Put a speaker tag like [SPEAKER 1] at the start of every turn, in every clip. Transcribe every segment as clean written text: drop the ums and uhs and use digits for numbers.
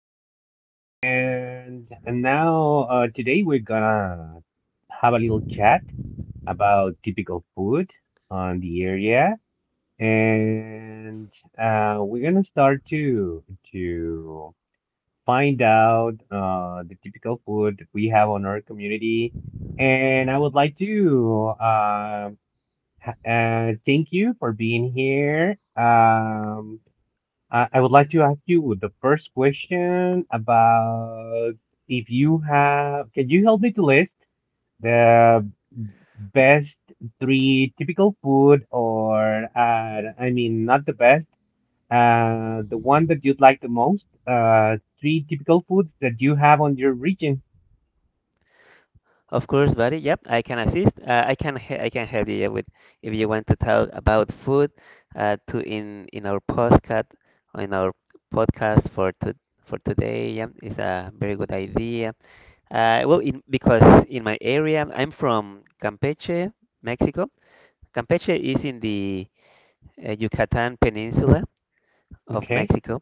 [SPEAKER 1] Hi, good morning. And now, today we're gonna have a little chat about typical food on the area. And we're gonna start to find out the typical food that we have on our community. And I would like to thank you for being here. I would like to ask you the first question about if you have, can you help me to list the best three typical food or, I mean, not the best, the one that you'd like the most, three typical foods that you have on your region.
[SPEAKER 2] Of course, buddy. Yep, I can assist. I can help you, yeah, with if you want to talk about food, to in our podcast, in our podcast for to for today. Yep, it's a very good idea. Because in my area, I'm from Campeche, Mexico. Campeche is in the Yucatan Peninsula of
[SPEAKER 1] Okay.
[SPEAKER 2] Mexico,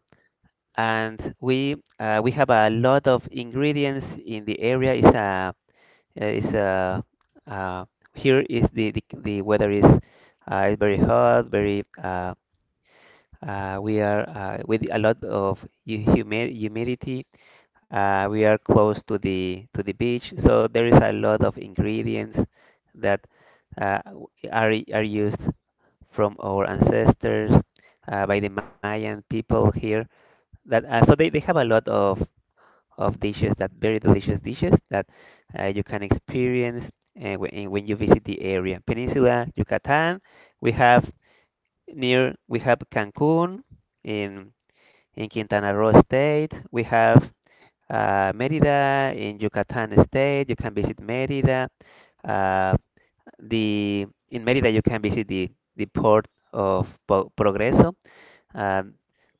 [SPEAKER 2] and we have a lot of ingredients in the area. It's a is uh, Here is the, the weather is very hot, very we are with a lot of humidity. We are close to the beach, so there is a lot of ingredients that uh, w- are used from our ancestors, by the Mayan people here. That so they have a lot of dishes that, very delicious dishes that you can experience when you visit the area. Peninsula Yucatan, we have near we have Cancun in in Quintana Roo state. We have Merida in Yucatan state. You can visit Merida. Uh, the In Merida you can visit the port of Progreso. Um,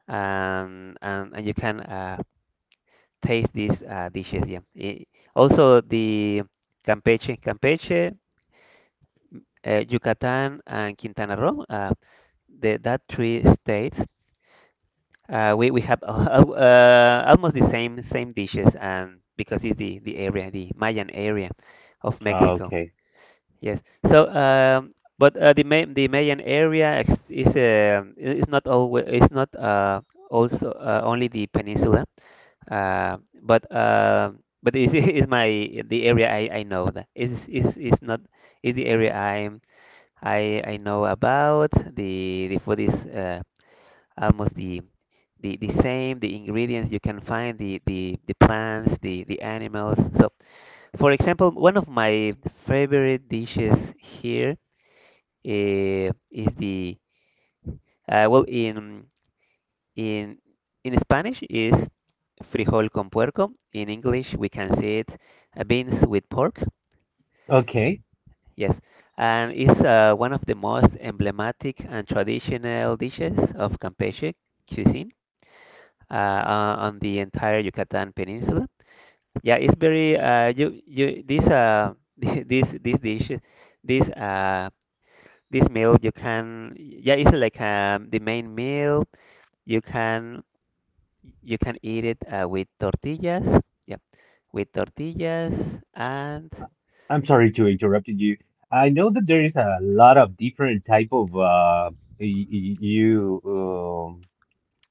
[SPEAKER 2] and you can taste these dishes. Yeah. Also, the Campeche, Campeche, Yucatan, and Quintana Roo, that three states, we have almost the same dishes, and because it's the area, the Mayan area of Mexico.
[SPEAKER 1] Okay.
[SPEAKER 2] Yes. So, the Mayan area is not always, it's not also only the peninsula. Uh, but uh, but is is my the area I know that is is not, is the area I know about. The food is almost the the same. The ingredients you can find, the the plants, the animals. So for example, one of my favorite dishes here is the uh, well in In in Spanish is frijol con puerco. In English we can see it beans with pork.
[SPEAKER 1] Okay.
[SPEAKER 2] Yes, and it's one of the most emblematic and traditional dishes of Campeche cuisine uh, on the entire Yucatan Peninsula. Yeah, it's very you you this this dish, this uh this meal you can, yeah, it's like, the main meal you can. You can eat it with tortillas. Yep, with tortillas and
[SPEAKER 1] I'm sorry to interrupt you. I know that there is a lot of different type of you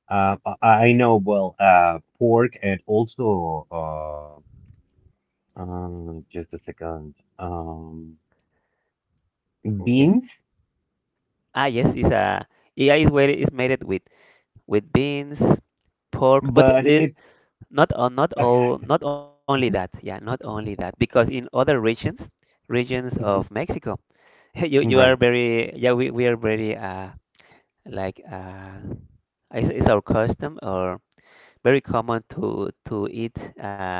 [SPEAKER 1] Uh, I know, well, pork and also, just a second,
[SPEAKER 2] yes,
[SPEAKER 1] beans,
[SPEAKER 2] ah yes, it's a, yeah, it's where it's made it with beans, pork, but
[SPEAKER 1] but it,
[SPEAKER 2] not only that. Yeah, not only that, because in other regions, regions of Mexico, you are
[SPEAKER 1] right,
[SPEAKER 2] very, yeah, we are very like uh it's our custom, or very common to eat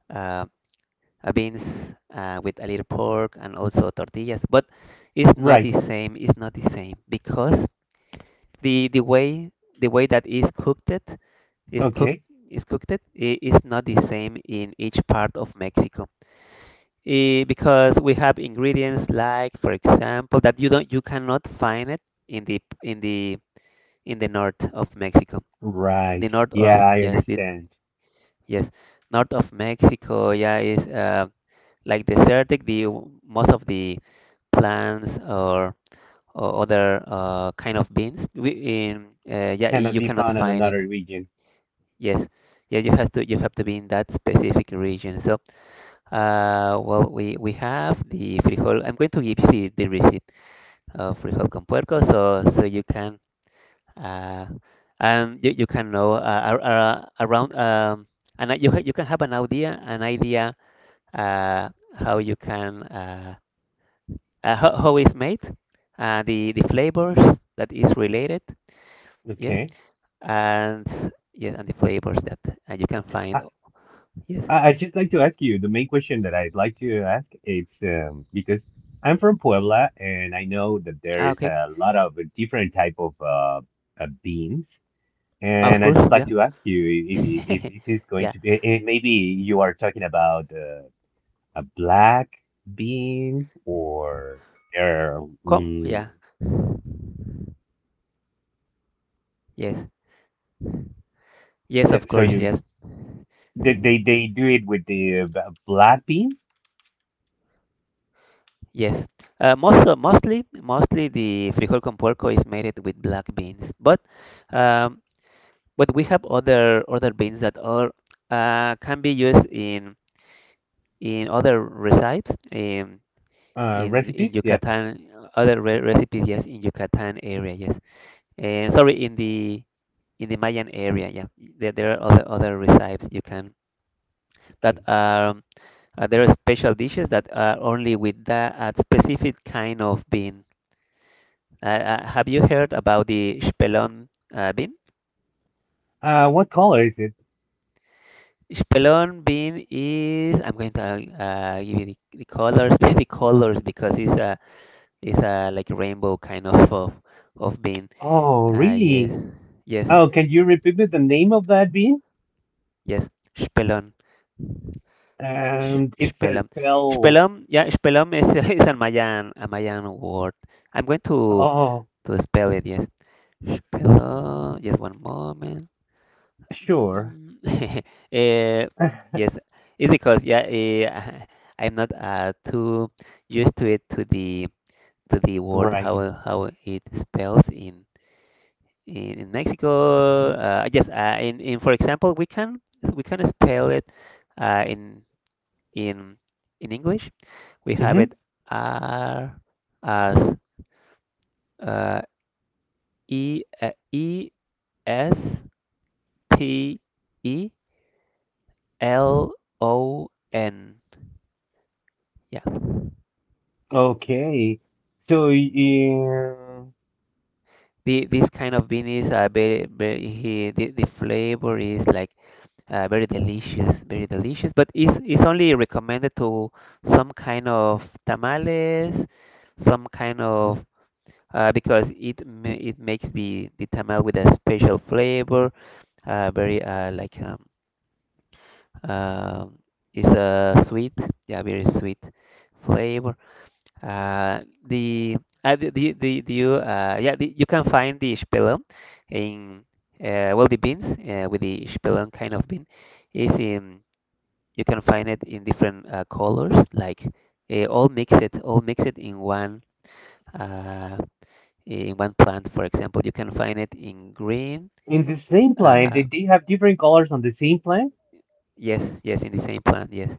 [SPEAKER 2] uh beans with a little pork and also tortillas. But it's not the
[SPEAKER 1] right,
[SPEAKER 2] same. It's not the same because the way, the way that is cooked it, is cooked,
[SPEAKER 1] okay,
[SPEAKER 2] is cooked it, is not the same in each part of Mexico. Eh, because we have ingredients like, for example, that you cannot find it in the in the in the north of Mexico.
[SPEAKER 1] right,
[SPEAKER 2] The north
[SPEAKER 1] yeah,
[SPEAKER 2] of,
[SPEAKER 1] I
[SPEAKER 2] yes, the,
[SPEAKER 1] understand.
[SPEAKER 2] yes, north of Mexico, yeah, is like desertic. The most of the plants, or other kind of beans, we in yeah,
[SPEAKER 1] Cannot
[SPEAKER 2] you
[SPEAKER 1] be
[SPEAKER 2] cannot
[SPEAKER 1] found in
[SPEAKER 2] find it.
[SPEAKER 1] another region.
[SPEAKER 2] Yes, yeah, you have to, you have to be in that specific region. So we have the frijol. I'm going to give you the receipt of frijol con puerco, so so you can uh and you can know ar- ar- around and you you can have an idea, an idea uh how you can how it's made, the flavors that is related, yes,
[SPEAKER 1] Okay,
[SPEAKER 2] and yes, and the flavors that you can
[SPEAKER 1] I,
[SPEAKER 2] find, yes.
[SPEAKER 1] I just like to ask you the main question that I'd like to ask. It's because I'm from Puebla and I know that there
[SPEAKER 2] Ah,
[SPEAKER 1] is
[SPEAKER 2] okay,
[SPEAKER 1] a lot of different type of beans. And
[SPEAKER 2] of
[SPEAKER 1] I'd
[SPEAKER 2] course,
[SPEAKER 1] just like
[SPEAKER 2] yeah,
[SPEAKER 1] to ask you if this is going
[SPEAKER 2] yeah,
[SPEAKER 1] to be if maybe you are talking about a black beans or or
[SPEAKER 2] come,
[SPEAKER 1] mm,
[SPEAKER 2] yeah, yes, yes,
[SPEAKER 1] so,
[SPEAKER 2] of
[SPEAKER 1] so
[SPEAKER 2] course,
[SPEAKER 1] you
[SPEAKER 2] yes,
[SPEAKER 1] they do it with the black bean
[SPEAKER 2] yes. Mostly the frijol con puerco is made it with black beans, um, but we have other beans that are can be used in other recipes. In
[SPEAKER 1] recipes? Yeah. Yeah,
[SPEAKER 2] Yucatan, other re recipes, yes, in Yucatan area, yes. And sorry, in the, in the Mayan area, yeah. There are other recipes you can that
[SPEAKER 1] okay.
[SPEAKER 2] are there are special dishes that are only with that specific kind of bean. Uh, have you heard about the spelon bean?
[SPEAKER 1] What color is it?
[SPEAKER 2] Spelon bean is, I'm going to give you the colors, the colors, because it's a, it's a like rainbow kind of bean.
[SPEAKER 1] Oh,
[SPEAKER 2] Yes,
[SPEAKER 1] really?
[SPEAKER 2] yes.
[SPEAKER 1] Oh, can you repeat me the name of that bean?
[SPEAKER 2] Yes, Shpelon.
[SPEAKER 1] It's a
[SPEAKER 2] Shpelam.
[SPEAKER 1] spell.
[SPEAKER 2] Shpelam, yeah, Shpelam is, is a Mayan word. I'm going
[SPEAKER 1] Oh,
[SPEAKER 2] to spell it, yes. Shpelam, just one moment.
[SPEAKER 1] sure.
[SPEAKER 2] Mhm. Eh, yes, it's because, yeah, eh, I'm not too used to it, to the word,
[SPEAKER 1] Right.
[SPEAKER 2] how it spells in Mexico. Yes, in, for example, we can spell it uh, in In in English, we have
[SPEAKER 1] Mm-hmm.
[SPEAKER 2] it R as uh, Espelon. Yeah.
[SPEAKER 1] Okay. So in
[SPEAKER 2] The, this kind of bean is very, very the flavor is like very delicious, but it's only recommended to some kind of tamales, some kind of because it makes the tamal with a special flavor, very like uh, it's a sweet, yeah, very sweet flavor. Uh, the the you yeah the, you can find the spelon in the beans with the spelon kind of bean is in, you can find it in different colors like all mixed in one. Uh, in one plant, for example. You can find it in green.
[SPEAKER 1] in the same plant,
[SPEAKER 2] Uh,
[SPEAKER 1] they have different colors on the same plant?
[SPEAKER 2] yes, yes, in the same plant. Yes,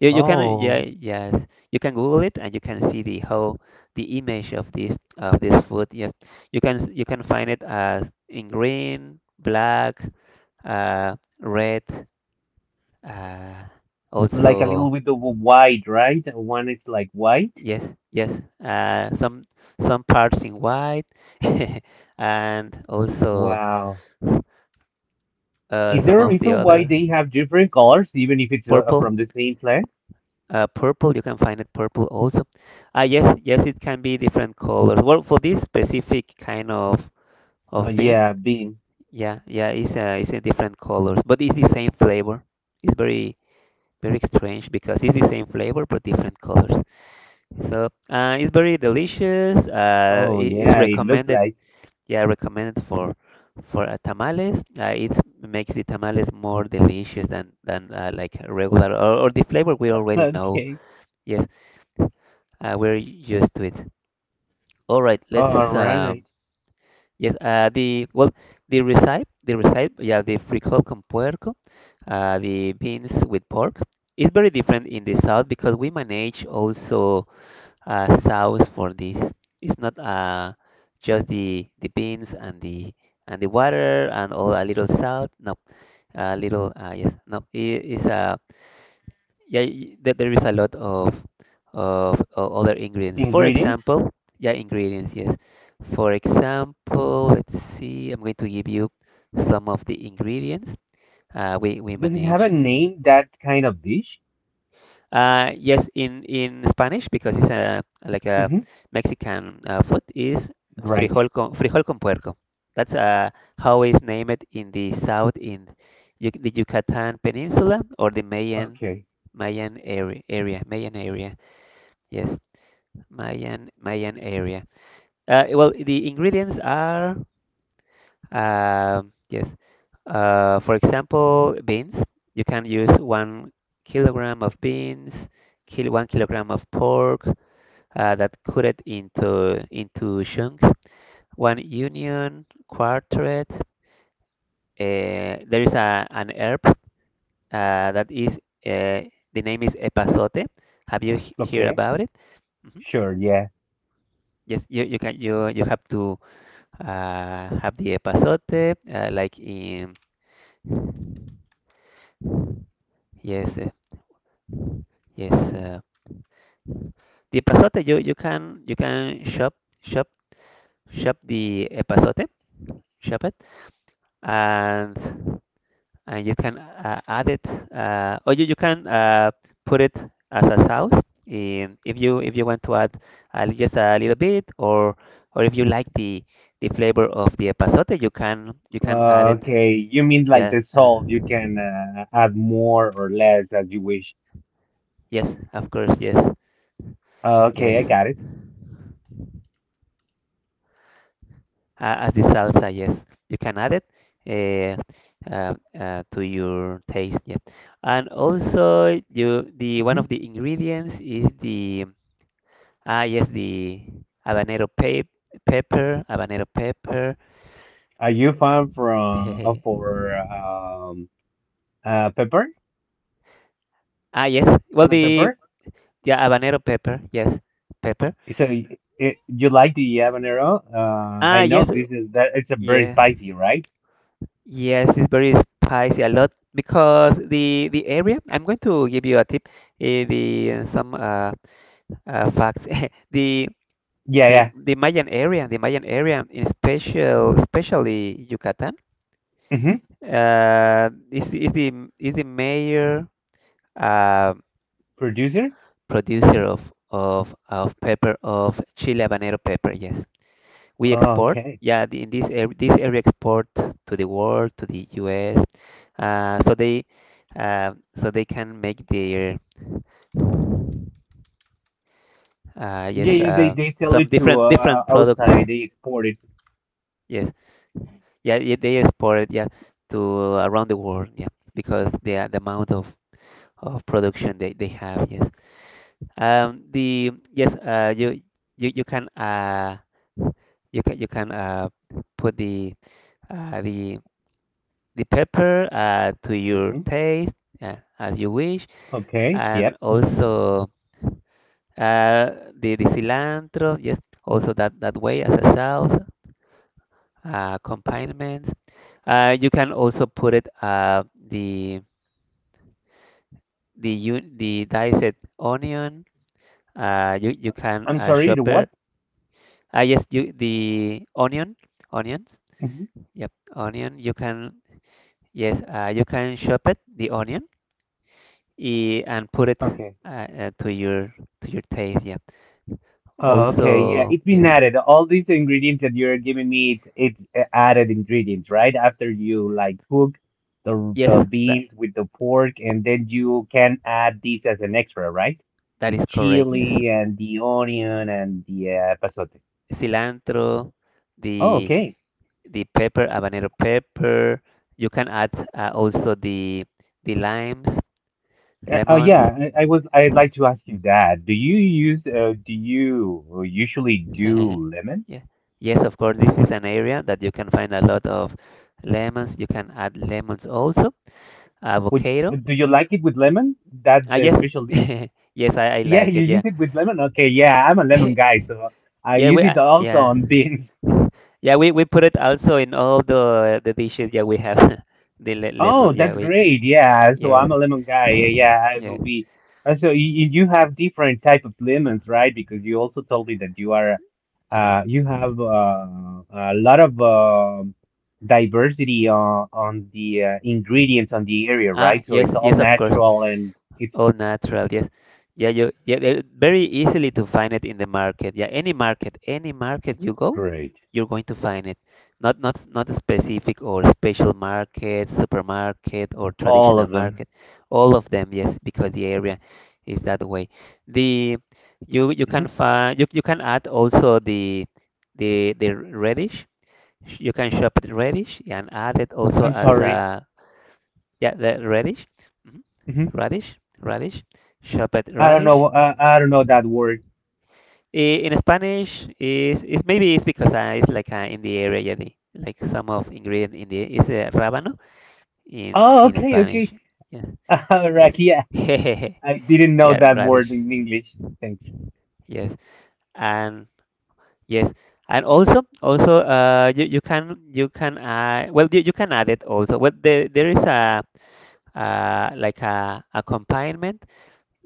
[SPEAKER 2] you can, yeah,
[SPEAKER 1] Oh,
[SPEAKER 2] yes, you can Google it and you can see the whole, the image of this, of this food. Yes, you can find it as in green, black, red. Uh,
[SPEAKER 1] like a
[SPEAKER 2] also,
[SPEAKER 1] little bit of a white, right? One is like white.
[SPEAKER 2] yes, yes, uh, some some parts in white, and also
[SPEAKER 1] Wow. Is
[SPEAKER 2] some
[SPEAKER 1] there a
[SPEAKER 2] of the
[SPEAKER 1] reason why
[SPEAKER 2] other
[SPEAKER 1] they have different colors, even if it's
[SPEAKER 2] purple,
[SPEAKER 1] from the same plant?
[SPEAKER 2] purple, you can find it purple also. Ah, yes, yes, it can be different colors, well for this specific kind of bean.
[SPEAKER 1] Yeah, bean.
[SPEAKER 2] Yeah, yeah, it's a different colors but it's the same flavor. It's very, very strange, because it's the same flavor but different colors. So it's very delicious,
[SPEAKER 1] Oh,
[SPEAKER 2] it's
[SPEAKER 1] yeah, it looks
[SPEAKER 2] recommended,
[SPEAKER 1] like.
[SPEAKER 2] yeah, recommended for tamales. It makes the tamales more delicious than like regular, or the flavor we already know.
[SPEAKER 1] Okay.
[SPEAKER 2] Yes. We're used to it. All right,
[SPEAKER 1] All
[SPEAKER 2] let's.
[SPEAKER 1] right.
[SPEAKER 2] Yes, the recipe, yeah, the frijol con puerco, the beans with pork, is very different in the south because we manage also sauce for this. It's not just the beans and the water and all a little salt. No, a little. Yes, no. It is a, yeah, there is a lot of other ingredients, for
[SPEAKER 1] Ingredients?
[SPEAKER 2] example, yeah, ingredients, yes, for example, let's see, I'm going to give you some of the ingredients we
[SPEAKER 1] Does it have a
[SPEAKER 2] manage, yeah.
[SPEAKER 1] name, that kind of dish?
[SPEAKER 2] Yes, in Spanish, because it's a like a
[SPEAKER 1] Mm-hmm.
[SPEAKER 2] Mexican food, is
[SPEAKER 1] Right.
[SPEAKER 2] frijol con puerco. That's how it's named in the south in Yuc- the Yucatan Peninsula, or the Mayan,
[SPEAKER 1] Okay.
[SPEAKER 2] mayan area area Mayan area. Yes, Mayan area. Well, the ingredients are, yes. For example, beans. You can use 1 kilogram of beans, kil 1 kilogram of pork. That cut it into chunks. One onion, quarteret. There is a an herb that is the name is epazote. Have you heard
[SPEAKER 1] Okay.
[SPEAKER 2] about it? Mhm.
[SPEAKER 1] Sure. Yeah.
[SPEAKER 2] Yes, you can, you have to have the epazote, like in yes, yes. The epazote you, you can, you can shop, shop shop the epazote, shop it, and and you can add it, or you can put it as a sauce. In, if you want to add just a little bit, or if you like the flavor of the epazote, you can add it.
[SPEAKER 1] Okay, you mean like
[SPEAKER 2] Yeah.
[SPEAKER 1] the salt, you can add more or less as you wish.
[SPEAKER 2] Yes. Of course. Yes.
[SPEAKER 1] Okay, I
[SPEAKER 2] Yes.
[SPEAKER 1] got it.
[SPEAKER 2] As the salsa, yes. You can add it uh, to your taste, yeah. And also, you, the one
[SPEAKER 1] Mhm.
[SPEAKER 2] of the ingredients is the, ah yes, the habanero pepper, habanero pepper.
[SPEAKER 1] Are you fan from for pepper?
[SPEAKER 2] Ah yes, well
[SPEAKER 1] Chili
[SPEAKER 2] the,
[SPEAKER 1] pepper?
[SPEAKER 2] yeah, habanero pepper, yes, pepper.
[SPEAKER 1] So it, you like the habanero?
[SPEAKER 2] Ah
[SPEAKER 1] I know
[SPEAKER 2] yes,
[SPEAKER 1] this is that it's a very
[SPEAKER 2] yeah,
[SPEAKER 1] spicy, right?
[SPEAKER 2] yes, it's very spicy a lot, because the area. I'm going to give you a tip. Eh, the some Facts. The
[SPEAKER 1] Yeah,
[SPEAKER 2] the
[SPEAKER 1] yeah.
[SPEAKER 2] the Mayan area, the Mayan area, in special, especially Yucatan,
[SPEAKER 1] Mm-hmm.
[SPEAKER 2] is the major uh,
[SPEAKER 1] Producer?
[SPEAKER 2] producer of of pepper of Chile habanero pepper. Yes, we
[SPEAKER 1] Oh,
[SPEAKER 2] export.
[SPEAKER 1] okay.
[SPEAKER 2] Yeah, in this area export to the world, to the U.S. Uh, so they so they can make their uh,
[SPEAKER 1] Yeah,
[SPEAKER 2] yes
[SPEAKER 1] yeah, they
[SPEAKER 2] uh,
[SPEAKER 1] they sell
[SPEAKER 2] some
[SPEAKER 1] it to
[SPEAKER 2] different different products.
[SPEAKER 1] outside, they export it.
[SPEAKER 2] Yes, yeah, yeah, they export it, yeah, to around the world, yeah, because the amount of production they have, yes. You you you can you can you can put the the pepper to your
[SPEAKER 1] Hmm.
[SPEAKER 2] taste, as you wish,
[SPEAKER 1] Okay, yep.
[SPEAKER 2] and also the cilantro, yes, also that that way as a salsa, accompaniment. You can also put it the the diced onion. You can
[SPEAKER 1] I'm sorry, the what?
[SPEAKER 2] shopper. Yes, you The onion, onions.
[SPEAKER 1] Hmm.
[SPEAKER 2] Yep, onion. You can yes. You can shop it the onion and put it
[SPEAKER 1] Okay.
[SPEAKER 2] uh, uh, to your to your taste. Yep.
[SPEAKER 1] Oh, okay. Yeah,
[SPEAKER 2] Also
[SPEAKER 1] it's been
[SPEAKER 2] yes,
[SPEAKER 1] added. All these ingredients that you're giving me, it's added ingredients, right? After you like cook the the
[SPEAKER 2] yes. That
[SPEAKER 1] beans with the pork, and then you can add these as an extra, right?
[SPEAKER 2] that
[SPEAKER 1] The
[SPEAKER 2] is correct. Yes,
[SPEAKER 1] chili and the onion and the pasote.
[SPEAKER 2] cilantro,
[SPEAKER 1] Oh,
[SPEAKER 2] the
[SPEAKER 1] okay.
[SPEAKER 2] the pepper, habanero pepper. You can add also the limes,
[SPEAKER 1] Oh,
[SPEAKER 2] lemons.
[SPEAKER 1] yeah. I was. I'd like to
[SPEAKER 2] Mm-hmm.
[SPEAKER 1] ask you that. Do you use? Do you usually do lemon?
[SPEAKER 2] Yeah. Yes, of course, this is an area that you can find a lot of lemons. You can add lemons also.
[SPEAKER 1] Would
[SPEAKER 2] Avocado.
[SPEAKER 1] do you like it with lemon? That
[SPEAKER 2] Ah,
[SPEAKER 1] the
[SPEAKER 2] yes.
[SPEAKER 1] special dish?
[SPEAKER 2] Yes, I
[SPEAKER 1] Yeah,
[SPEAKER 2] like
[SPEAKER 1] you
[SPEAKER 2] it.
[SPEAKER 1] use
[SPEAKER 2] Yeah.
[SPEAKER 1] it with lemon. Okay, yeah, I'm a lemon guy, so I use it also
[SPEAKER 2] Yeah.
[SPEAKER 1] on beans.
[SPEAKER 2] Yeah, we put it also in all the dishes. Yeah, we have the le
[SPEAKER 1] Oh,
[SPEAKER 2] lemon. Yeah,
[SPEAKER 1] that's
[SPEAKER 2] we
[SPEAKER 1] great. Yeah, so
[SPEAKER 2] yes.
[SPEAKER 1] I'm a lemon guy. Yeah, yeah, I will
[SPEAKER 2] Yeah.
[SPEAKER 1] be. So you have different type of lemons, right? Because you also told me that you are,
[SPEAKER 2] Uh-huh.
[SPEAKER 1] you have a lot of diversity on the ingredients on the area,
[SPEAKER 2] Ah,
[SPEAKER 1] right? So
[SPEAKER 2] yes,
[SPEAKER 1] it's all
[SPEAKER 2] yes, of course.
[SPEAKER 1] natural and it's.
[SPEAKER 2] All natural, yes. Yeah, they're very easily to find it in the market. Yeah, any market you go,
[SPEAKER 1] Great.
[SPEAKER 2] you're going to find it. Not a specific or special market, supermarket or
[SPEAKER 1] All
[SPEAKER 2] traditional
[SPEAKER 1] of them.
[SPEAKER 2] market. All of them, yes, because the area is that way. The You you
[SPEAKER 1] Hmm.
[SPEAKER 2] can find you you can add also the the radish. You can shop the radish and add it also
[SPEAKER 1] I'm
[SPEAKER 2] as
[SPEAKER 1] sorry.
[SPEAKER 2] a yeah, the radish. Mhm.
[SPEAKER 1] Hmm.
[SPEAKER 2] Radish, radish, chopped
[SPEAKER 1] I don't know.
[SPEAKER 2] radish.
[SPEAKER 1] I don't know that word.
[SPEAKER 2] In Spanish, is maybe it's because it's like in the area, yeah, like some of ingredient in the is rábano
[SPEAKER 1] Oh,
[SPEAKER 2] in
[SPEAKER 1] okay, okay.
[SPEAKER 2] Spanish. Yeah, yes,
[SPEAKER 1] Raki, yeah, I didn't know
[SPEAKER 2] yeah,
[SPEAKER 1] that word
[SPEAKER 2] radish.
[SPEAKER 1] in English. Thanks.
[SPEAKER 2] Yes, and yes, and also also you can you can you can add it also. Well, there is a like a accompaniment.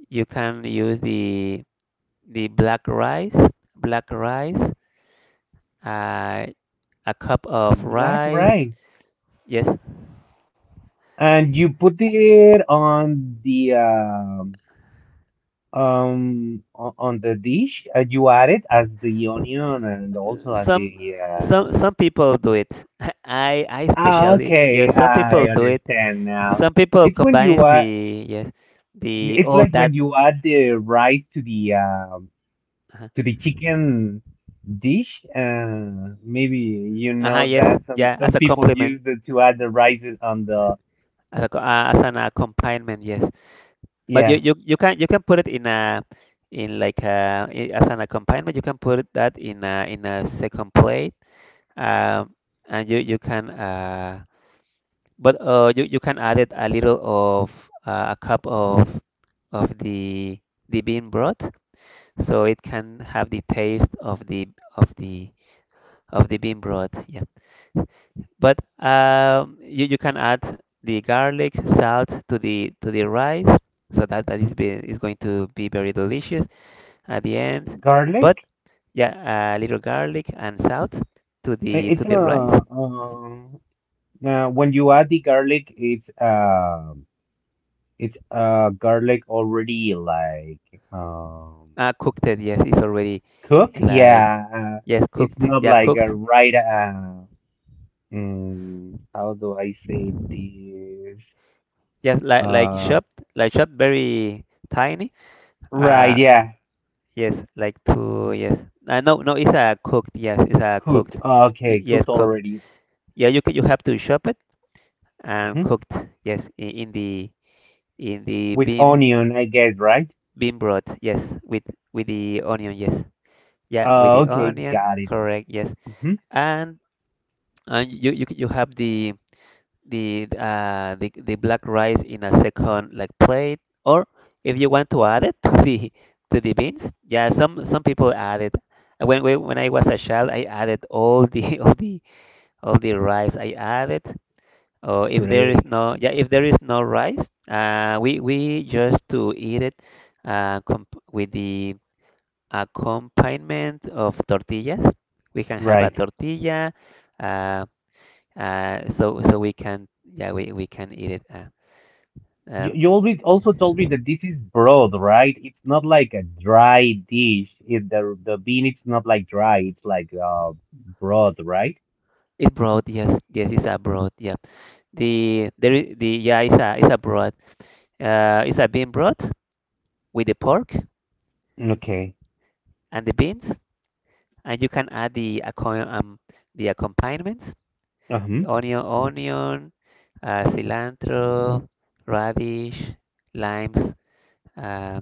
[SPEAKER 2] You can use the black rice, uh, a cup of
[SPEAKER 1] Black
[SPEAKER 2] rice.
[SPEAKER 1] rice.
[SPEAKER 2] Yes,
[SPEAKER 1] And you put it on the on the dish. You add it as the onion and also as
[SPEAKER 2] some
[SPEAKER 1] the.
[SPEAKER 2] some people do it. I
[SPEAKER 1] Ah,
[SPEAKER 2] especially
[SPEAKER 1] okay,
[SPEAKER 2] yes, some people
[SPEAKER 1] I
[SPEAKER 2] do it.
[SPEAKER 1] understand now.
[SPEAKER 2] Some people
[SPEAKER 1] It's when you
[SPEAKER 2] combines
[SPEAKER 1] uh,
[SPEAKER 2] the yes, the
[SPEAKER 1] it's
[SPEAKER 2] oh
[SPEAKER 1] like
[SPEAKER 2] that
[SPEAKER 1] when you add the rice
[SPEAKER 2] uh-huh,
[SPEAKER 1] to the chicken dish. Maybe you
[SPEAKER 2] uh-huh,
[SPEAKER 1] know
[SPEAKER 2] yes
[SPEAKER 1] that some
[SPEAKER 2] yeah as
[SPEAKER 1] some
[SPEAKER 2] a
[SPEAKER 1] people
[SPEAKER 2] complement
[SPEAKER 1] use it to add the rice on the,
[SPEAKER 2] as a, as an accompaniment yes. But you,
[SPEAKER 1] yeah,
[SPEAKER 2] you can put it in a in like a, as an accompaniment you can put it that in a second plate. Um, and You can but you can add it a little of a cup of the bean broth, so it can have the taste of the of the bean broth. Yeah, but you can add the garlic salt to the rice, so that is going to be very delicious at the end. But
[SPEAKER 1] garlic.
[SPEAKER 2] yeah, a little garlic and salt to
[SPEAKER 1] It's a
[SPEAKER 2] the rice. Mm-hmm.
[SPEAKER 1] uh, when you add the garlic, it's garlic already like um
[SPEAKER 2] Cooked. It. Yes, it's already
[SPEAKER 1] cooked.
[SPEAKER 2] like
[SPEAKER 1] Yeah,
[SPEAKER 2] yes,
[SPEAKER 1] it's
[SPEAKER 2] cooked.
[SPEAKER 1] not
[SPEAKER 2] Yeah,
[SPEAKER 1] like a
[SPEAKER 2] cooked.
[SPEAKER 1] right. How do I say this?
[SPEAKER 2] Yes,
[SPEAKER 1] Uh,
[SPEAKER 2] like chopped, very tiny.
[SPEAKER 1] right.
[SPEAKER 2] Uh,
[SPEAKER 1] Yeah.
[SPEAKER 2] yes, like to yes. No, it's a cooked. Yes, it's a
[SPEAKER 1] Cooked.
[SPEAKER 2] cooked.
[SPEAKER 1] Oh, okay,
[SPEAKER 2] Yes,
[SPEAKER 1] cooked
[SPEAKER 2] cooked.
[SPEAKER 1] already.
[SPEAKER 2] Yeah, you can, you have to chop it and
[SPEAKER 1] Hmm.
[SPEAKER 2] cooked. Yes, in, in the
[SPEAKER 1] With
[SPEAKER 2] bean
[SPEAKER 1] onion, I guess, right?
[SPEAKER 2] bean broth. Yes, with the onion. Yes, yeah, with the
[SPEAKER 1] Okay,
[SPEAKER 2] onion.
[SPEAKER 1] got it.
[SPEAKER 2] Correct. Yes,
[SPEAKER 1] Hmm.
[SPEAKER 2] and and you have the the black rice in a second like plate, or if you want to add it to the beans, yeah, some people add it. When I was a child, I added all the all the rice. I added, or if there is
[SPEAKER 1] Great.
[SPEAKER 2] no yeah, if there is no rice, we just to eat it comp with the accompaniment of tortillas. We can have a
[SPEAKER 1] Right.
[SPEAKER 2] tortilla. Uh, so we can yeah we can eat it.
[SPEAKER 1] You,
[SPEAKER 2] Um,
[SPEAKER 1] you always also told me that this is broth, right? It's not like a dry dish. The bean it's not like dry. It's like broth, right?
[SPEAKER 2] it's broth, yes, yes, it's a broth. Yeah, the there is the yeah it's a broth. It's a bean broth with the pork
[SPEAKER 1] Okay.
[SPEAKER 2] and the beans, and you can add the accompaniments:
[SPEAKER 1] Uh-huh.
[SPEAKER 2] onion, onion, cilantro, radish, limes, uh,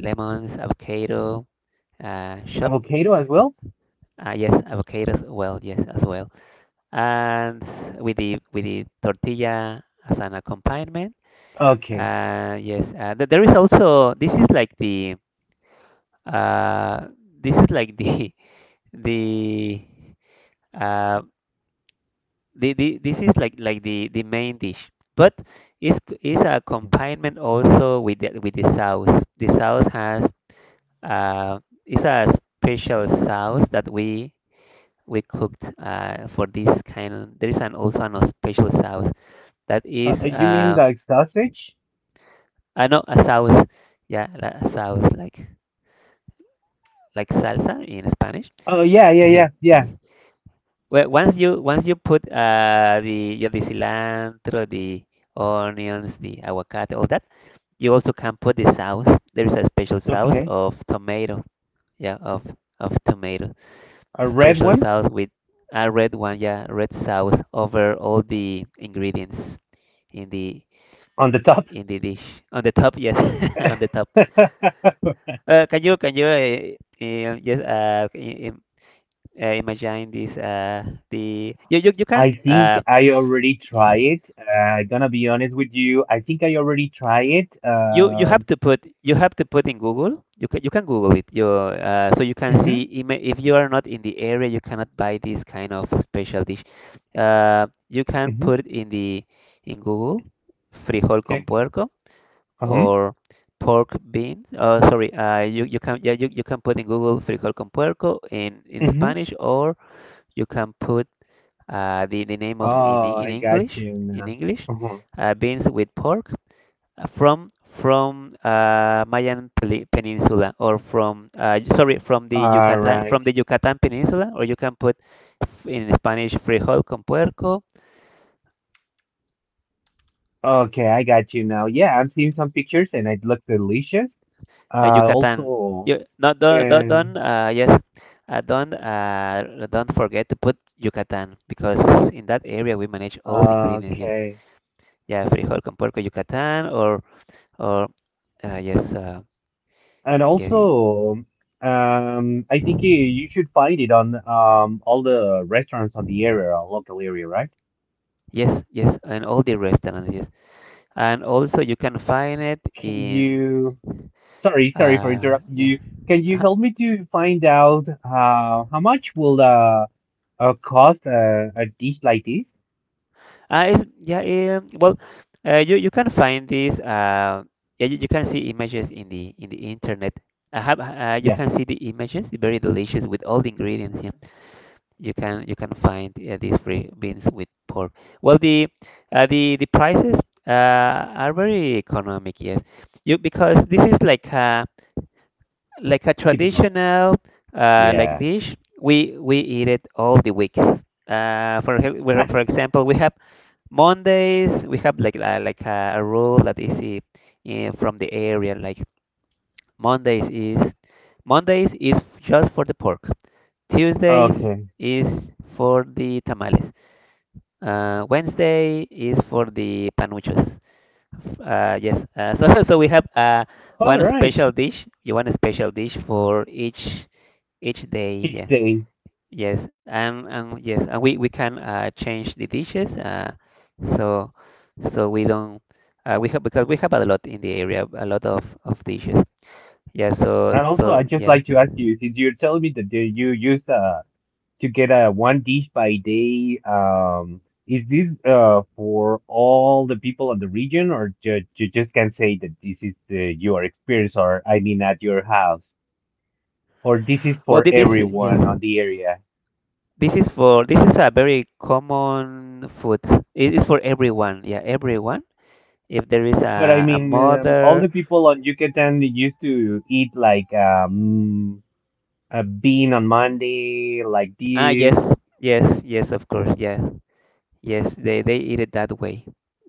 [SPEAKER 2] lemons, avocado, chopped.
[SPEAKER 1] Avocado as well?
[SPEAKER 2] Yes, avocados. Well, yes, as well. And with the tortilla as an accompaniment.
[SPEAKER 1] Okay.
[SPEAKER 2] Yes, there is also this is like the uh, this is like the the uh, the this is like the main dish, but it's a
[SPEAKER 1] Uh,
[SPEAKER 2] accompaniment also with the sauce. The sauce has uh, it's a special sauce that we cooked for this kind. There is an also an special sauce that is.
[SPEAKER 1] you mean like sausage?
[SPEAKER 2] Ah no, a sauce. Yeah, a sauce like salsa in Spanish.
[SPEAKER 1] Oh, yeah, yeah, yeah, yeah.
[SPEAKER 2] Well, once you put the cilantro, the onions, the aguacate, all that, you also can put the sauce. There is a special sauce
[SPEAKER 1] Okay.
[SPEAKER 2] of tomato. Yeah, of tomato.
[SPEAKER 1] A red
[SPEAKER 2] Special
[SPEAKER 1] one
[SPEAKER 2] sauce with a red one. Yeah, red sauce over all the ingredients in the
[SPEAKER 1] on the top.
[SPEAKER 2] in the dish. On the top, yes, on the top. Can you just im Imagine this the you, you
[SPEAKER 1] I
[SPEAKER 2] can
[SPEAKER 1] think I already
[SPEAKER 2] yeah
[SPEAKER 1] try it. Gonna be honest with you. I think I already try it.
[SPEAKER 2] you you have to put in Google. You can Google it you so you can
[SPEAKER 1] Mm-hmm,
[SPEAKER 2] see if you are not in the area you cannot buy this kind of special dish. You can
[SPEAKER 1] mm-hmm,
[SPEAKER 2] put it in Google frijol con
[SPEAKER 1] okay.
[SPEAKER 2] puerco,
[SPEAKER 1] Uh-huh,
[SPEAKER 2] or pork bean. Sorry You you can put in Google frijol con puerco in
[SPEAKER 1] mm-hmm.
[SPEAKER 2] Spanish. Or you can put the name of
[SPEAKER 1] Oh,
[SPEAKER 2] in
[SPEAKER 1] I got
[SPEAKER 2] English,
[SPEAKER 1] you
[SPEAKER 2] in
[SPEAKER 1] now.
[SPEAKER 2] English
[SPEAKER 1] Uh-huh.
[SPEAKER 2] beans with pork from Mayan Peninsula, or from sorry from the
[SPEAKER 1] All
[SPEAKER 2] Yucatan, from
[SPEAKER 1] right.
[SPEAKER 2] the Yucatan Peninsula. Or you can put in Spanish frijol con puerco,
[SPEAKER 1] Okay, I got you now. Yeah, I'm seeing some pictures and it looks delicious.
[SPEAKER 2] Yucatan.
[SPEAKER 1] Also,
[SPEAKER 2] You, no,
[SPEAKER 1] and
[SPEAKER 2] don't don't forget to put Yucatan because in that area we manage all the ingredients. Yeah,
[SPEAKER 1] okay,
[SPEAKER 2] yeah, frijol con puerco Yucatan, or yes,
[SPEAKER 1] and
[SPEAKER 2] yes, y-
[SPEAKER 1] also, I think you should find it on all the restaurants on the area, our local area, right?
[SPEAKER 2] yes, yes, and all the restaurants, yes, and also you can find it
[SPEAKER 1] Can
[SPEAKER 2] in,
[SPEAKER 1] you, sorry, sorry for
[SPEAKER 2] uh,
[SPEAKER 1] interrupting
[SPEAKER 2] yeah,
[SPEAKER 1] you. Can you
[SPEAKER 2] uh-huh.
[SPEAKER 1] help me to find out how much will cost a dish like this?
[SPEAKER 2] It's, yeah, eh, well, You can find this, yeah, you can see images in the internet. I have, you
[SPEAKER 1] Yeah,
[SPEAKER 2] can see the images, very delicious with all the ingredients, yeah. You can find these free beans with pork. Well, the prices are very economic, yes. You because this is like a
[SPEAKER 1] typical.
[SPEAKER 2] traditional like
[SPEAKER 1] Yeah.
[SPEAKER 2] dish. We eat it all the weeks. For example, we have Mondays. We have like a rule that is from the area. Like Mondays is Mondays is just for the pork.
[SPEAKER 1] Ah,
[SPEAKER 2] Tuesdays
[SPEAKER 1] okay.
[SPEAKER 2] is for the tamales. Wednesday is for the panuchos. Yes. So so we have
[SPEAKER 1] All
[SPEAKER 2] one
[SPEAKER 1] right.
[SPEAKER 2] special dish. You want a special dish for each day.
[SPEAKER 1] Each
[SPEAKER 2] Yeah.
[SPEAKER 1] day.
[SPEAKER 2] Yes. And yes. And we can change the dishes. So so we don't. We have because we have a lot in the area, a lot of dishes. Yeah.
[SPEAKER 1] And
[SPEAKER 2] So
[SPEAKER 1] also, I'd
[SPEAKER 2] so
[SPEAKER 1] just like
[SPEAKER 2] yeah.
[SPEAKER 1] to ask you, since you're telling me that you use to get a one dish by day, is this for all the people in the region, or ju you just can say that this is the your experience, or I mean at your house? Or this
[SPEAKER 2] Well,
[SPEAKER 1] is for
[SPEAKER 2] this yes.
[SPEAKER 1] everyone on the area.
[SPEAKER 2] This is for this is a very common food. It is for everyone. Yeah, everyone if there is
[SPEAKER 1] But I
[SPEAKER 2] a
[SPEAKER 1] mean, all
[SPEAKER 2] mother.
[SPEAKER 1] the people on Yucatan used to eat like a bean on Monday, like
[SPEAKER 2] Ah, yes,
[SPEAKER 1] this.
[SPEAKER 2] yes, yes, of course, yeah, yes, they eat it that way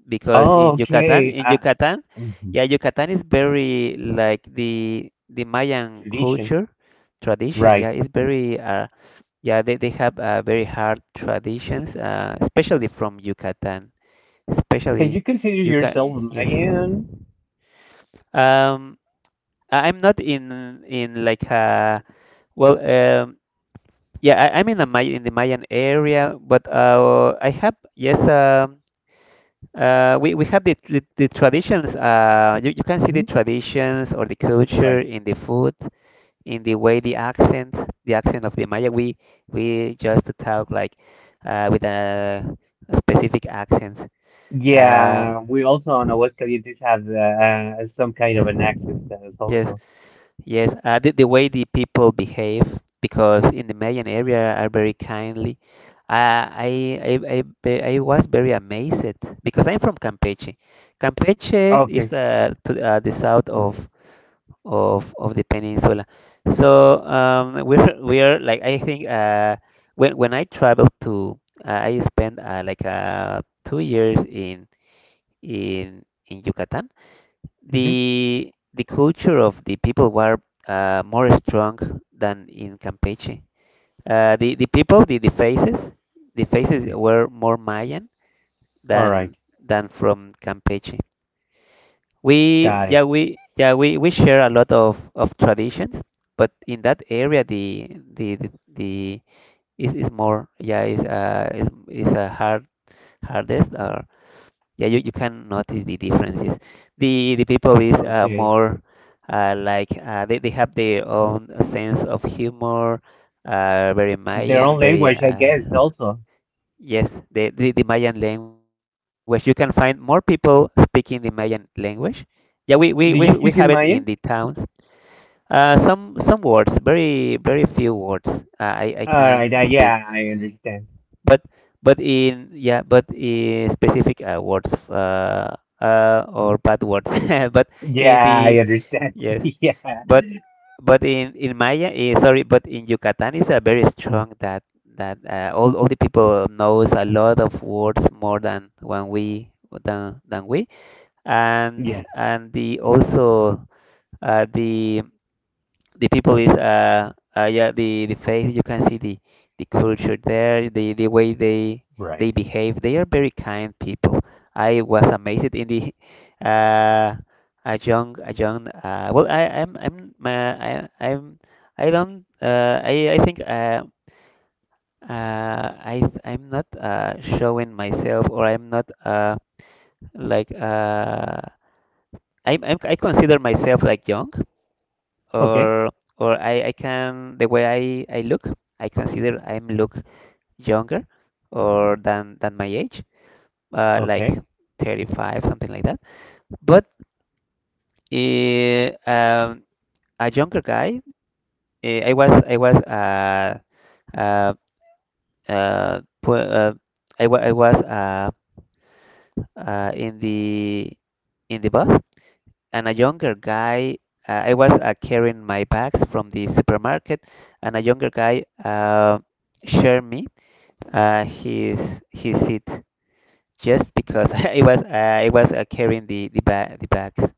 [SPEAKER 2] because
[SPEAKER 1] Oh, okay.
[SPEAKER 2] in Yucatan,
[SPEAKER 1] Mhm.
[SPEAKER 2] yeah, Yucatan is very like the Mayan
[SPEAKER 1] Tradition.
[SPEAKER 2] culture tradition. Yeah,
[SPEAKER 1] Right.
[SPEAKER 2] it's very yeah, they have very hard traditions, especially from Yucatan,
[SPEAKER 1] Can
[SPEAKER 2] especially
[SPEAKER 1] you consider yourself
[SPEAKER 2] Yucatan. Yes.
[SPEAKER 1] Mayan?
[SPEAKER 2] Um, I- I'm not in in like a well. Yeah, I, I'm in the May in the Mayan area, but I have yes, we have the traditions. You, you can see the
[SPEAKER 1] Hmm.
[SPEAKER 2] traditions or the culture
[SPEAKER 1] Right.
[SPEAKER 2] in the food, in the way the accent of the Maya. We just talk like with a specific accent. Uh,
[SPEAKER 1] Yeah, we also on Aguascalientes have some kind
[SPEAKER 2] yes,
[SPEAKER 1] of an accent that is
[SPEAKER 2] yes.
[SPEAKER 1] also.
[SPEAKER 2] Yes, the way the people behave, because in the Mayan area are very kindly. I was very amazed because I'm from Campeche. Campeche is
[SPEAKER 1] Okay.
[SPEAKER 2] to the south of the peninsula. So, we're like I think, when I traveled to, I spent, like 2 years in in Yucatan.
[SPEAKER 1] Hmm.
[SPEAKER 2] The culture of the people were, more strong than in Campeche. The people, the faces
[SPEAKER 1] Okay.
[SPEAKER 2] were more Mayan
[SPEAKER 1] All
[SPEAKER 2] than
[SPEAKER 1] right.
[SPEAKER 2] than from Campeche. We
[SPEAKER 1] Got it.
[SPEAKER 2] yeah we yeah we, we share a lot of traditions, but in that area the is more, yeah, is a hardest, or yeah, you can notice the differences. The people is,
[SPEAKER 1] Okay.
[SPEAKER 2] more, they have their own sense of humor, very
[SPEAKER 1] Their
[SPEAKER 2] Mayan,
[SPEAKER 1] own
[SPEAKER 2] very,
[SPEAKER 1] language, I guess, also.
[SPEAKER 2] yes, the Mayan language. You can find more people speaking the Mayan language. Yeah, we
[SPEAKER 1] Do
[SPEAKER 2] have
[SPEAKER 1] you
[SPEAKER 2] it
[SPEAKER 1] speak
[SPEAKER 2] in
[SPEAKER 1] in
[SPEAKER 2] the
[SPEAKER 1] Maya?
[SPEAKER 2] towns. Some words, very few words. I
[SPEAKER 1] All
[SPEAKER 2] can
[SPEAKER 1] right,
[SPEAKER 2] speak,
[SPEAKER 1] yeah, I understand.
[SPEAKER 2] but in, yeah, but in specific, words, or bad words. But in
[SPEAKER 1] Yeah,
[SPEAKER 2] the
[SPEAKER 1] I understand.
[SPEAKER 2] yes,
[SPEAKER 1] Yeah,
[SPEAKER 2] but but in Maya, eh, sorry, but in Yucatan is a very strong that, all the people knows a lot of words more than when we than we, and
[SPEAKER 1] yeah,
[SPEAKER 2] the also, the people is, yeah, the face, you can see the culture there, the way they
[SPEAKER 1] right.
[SPEAKER 2] behave, they are very kind people. I was amazed in the. uh a young well I think, I I'm not showing myself, or I'm not, like uh I consider myself like young,
[SPEAKER 1] Okay,
[SPEAKER 2] or or I can the way I look. I consider I'm look younger, or than my age, uh, like
[SPEAKER 1] okay.
[SPEAKER 2] 35, something like that, but, eh, um, a younger guy, eh, I was uh, uh, pu- uh, I, wa- I was uh, in the bus, and a younger guy, I was, carrying my bags from the supermarket, and a younger guy, shared me, his seat, just because it was carrying the bags.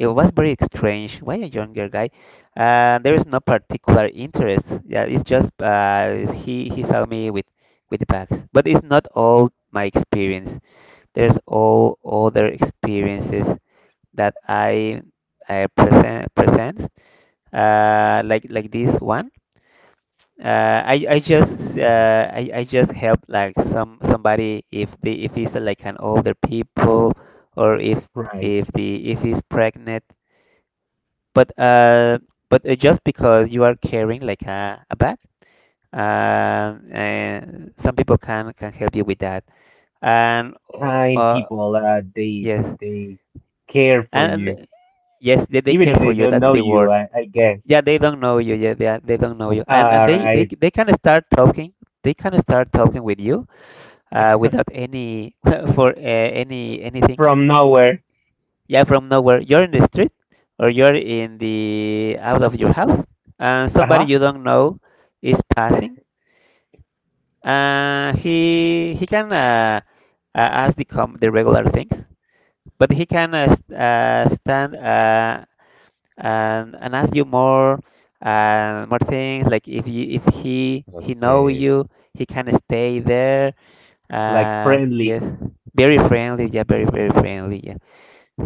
[SPEAKER 2] It was very strange. Why a younger guy? There is no particular interest. Yeah, it's just, he saw me with the bags. But it's not all my experience. There's all other experiences that I present. Like this one. I just,
[SPEAKER 1] Mhm.
[SPEAKER 2] I just help like somebody if the if he's, like an older people, or
[SPEAKER 1] Right.
[SPEAKER 2] if the if he's pregnant. But uh but just because you are carrying like a bag, and some people can help you with that. And uh
[SPEAKER 1] Kind
[SPEAKER 2] uh,
[SPEAKER 1] people, they
[SPEAKER 2] yes.
[SPEAKER 1] they care for
[SPEAKER 2] and
[SPEAKER 1] you,
[SPEAKER 2] and yes, they
[SPEAKER 1] even
[SPEAKER 2] care
[SPEAKER 1] if
[SPEAKER 2] for
[SPEAKER 1] they
[SPEAKER 2] you.
[SPEAKER 1] don't
[SPEAKER 2] That's
[SPEAKER 1] know
[SPEAKER 2] the
[SPEAKER 1] you,
[SPEAKER 2] word.
[SPEAKER 1] I guess.
[SPEAKER 2] Yeah, they don't know you. Yeah, they don't know you. And
[SPEAKER 1] All right,
[SPEAKER 2] they can start talking. They can start talking with you, without any for any anything.
[SPEAKER 1] from nowhere.
[SPEAKER 2] Yeah, from nowhere. You're in the street, or you're in the out of your house, and somebody
[SPEAKER 1] Uh-huh.
[SPEAKER 2] you don't know is passing, and he can, ask the regular things, but he can, stand, and ask you more, more things, like if if he know
[SPEAKER 1] Okay.
[SPEAKER 2] you, he can stay there.
[SPEAKER 1] Like friendly.
[SPEAKER 2] Yes, very friendly. Yeah, very friendly. Yeah.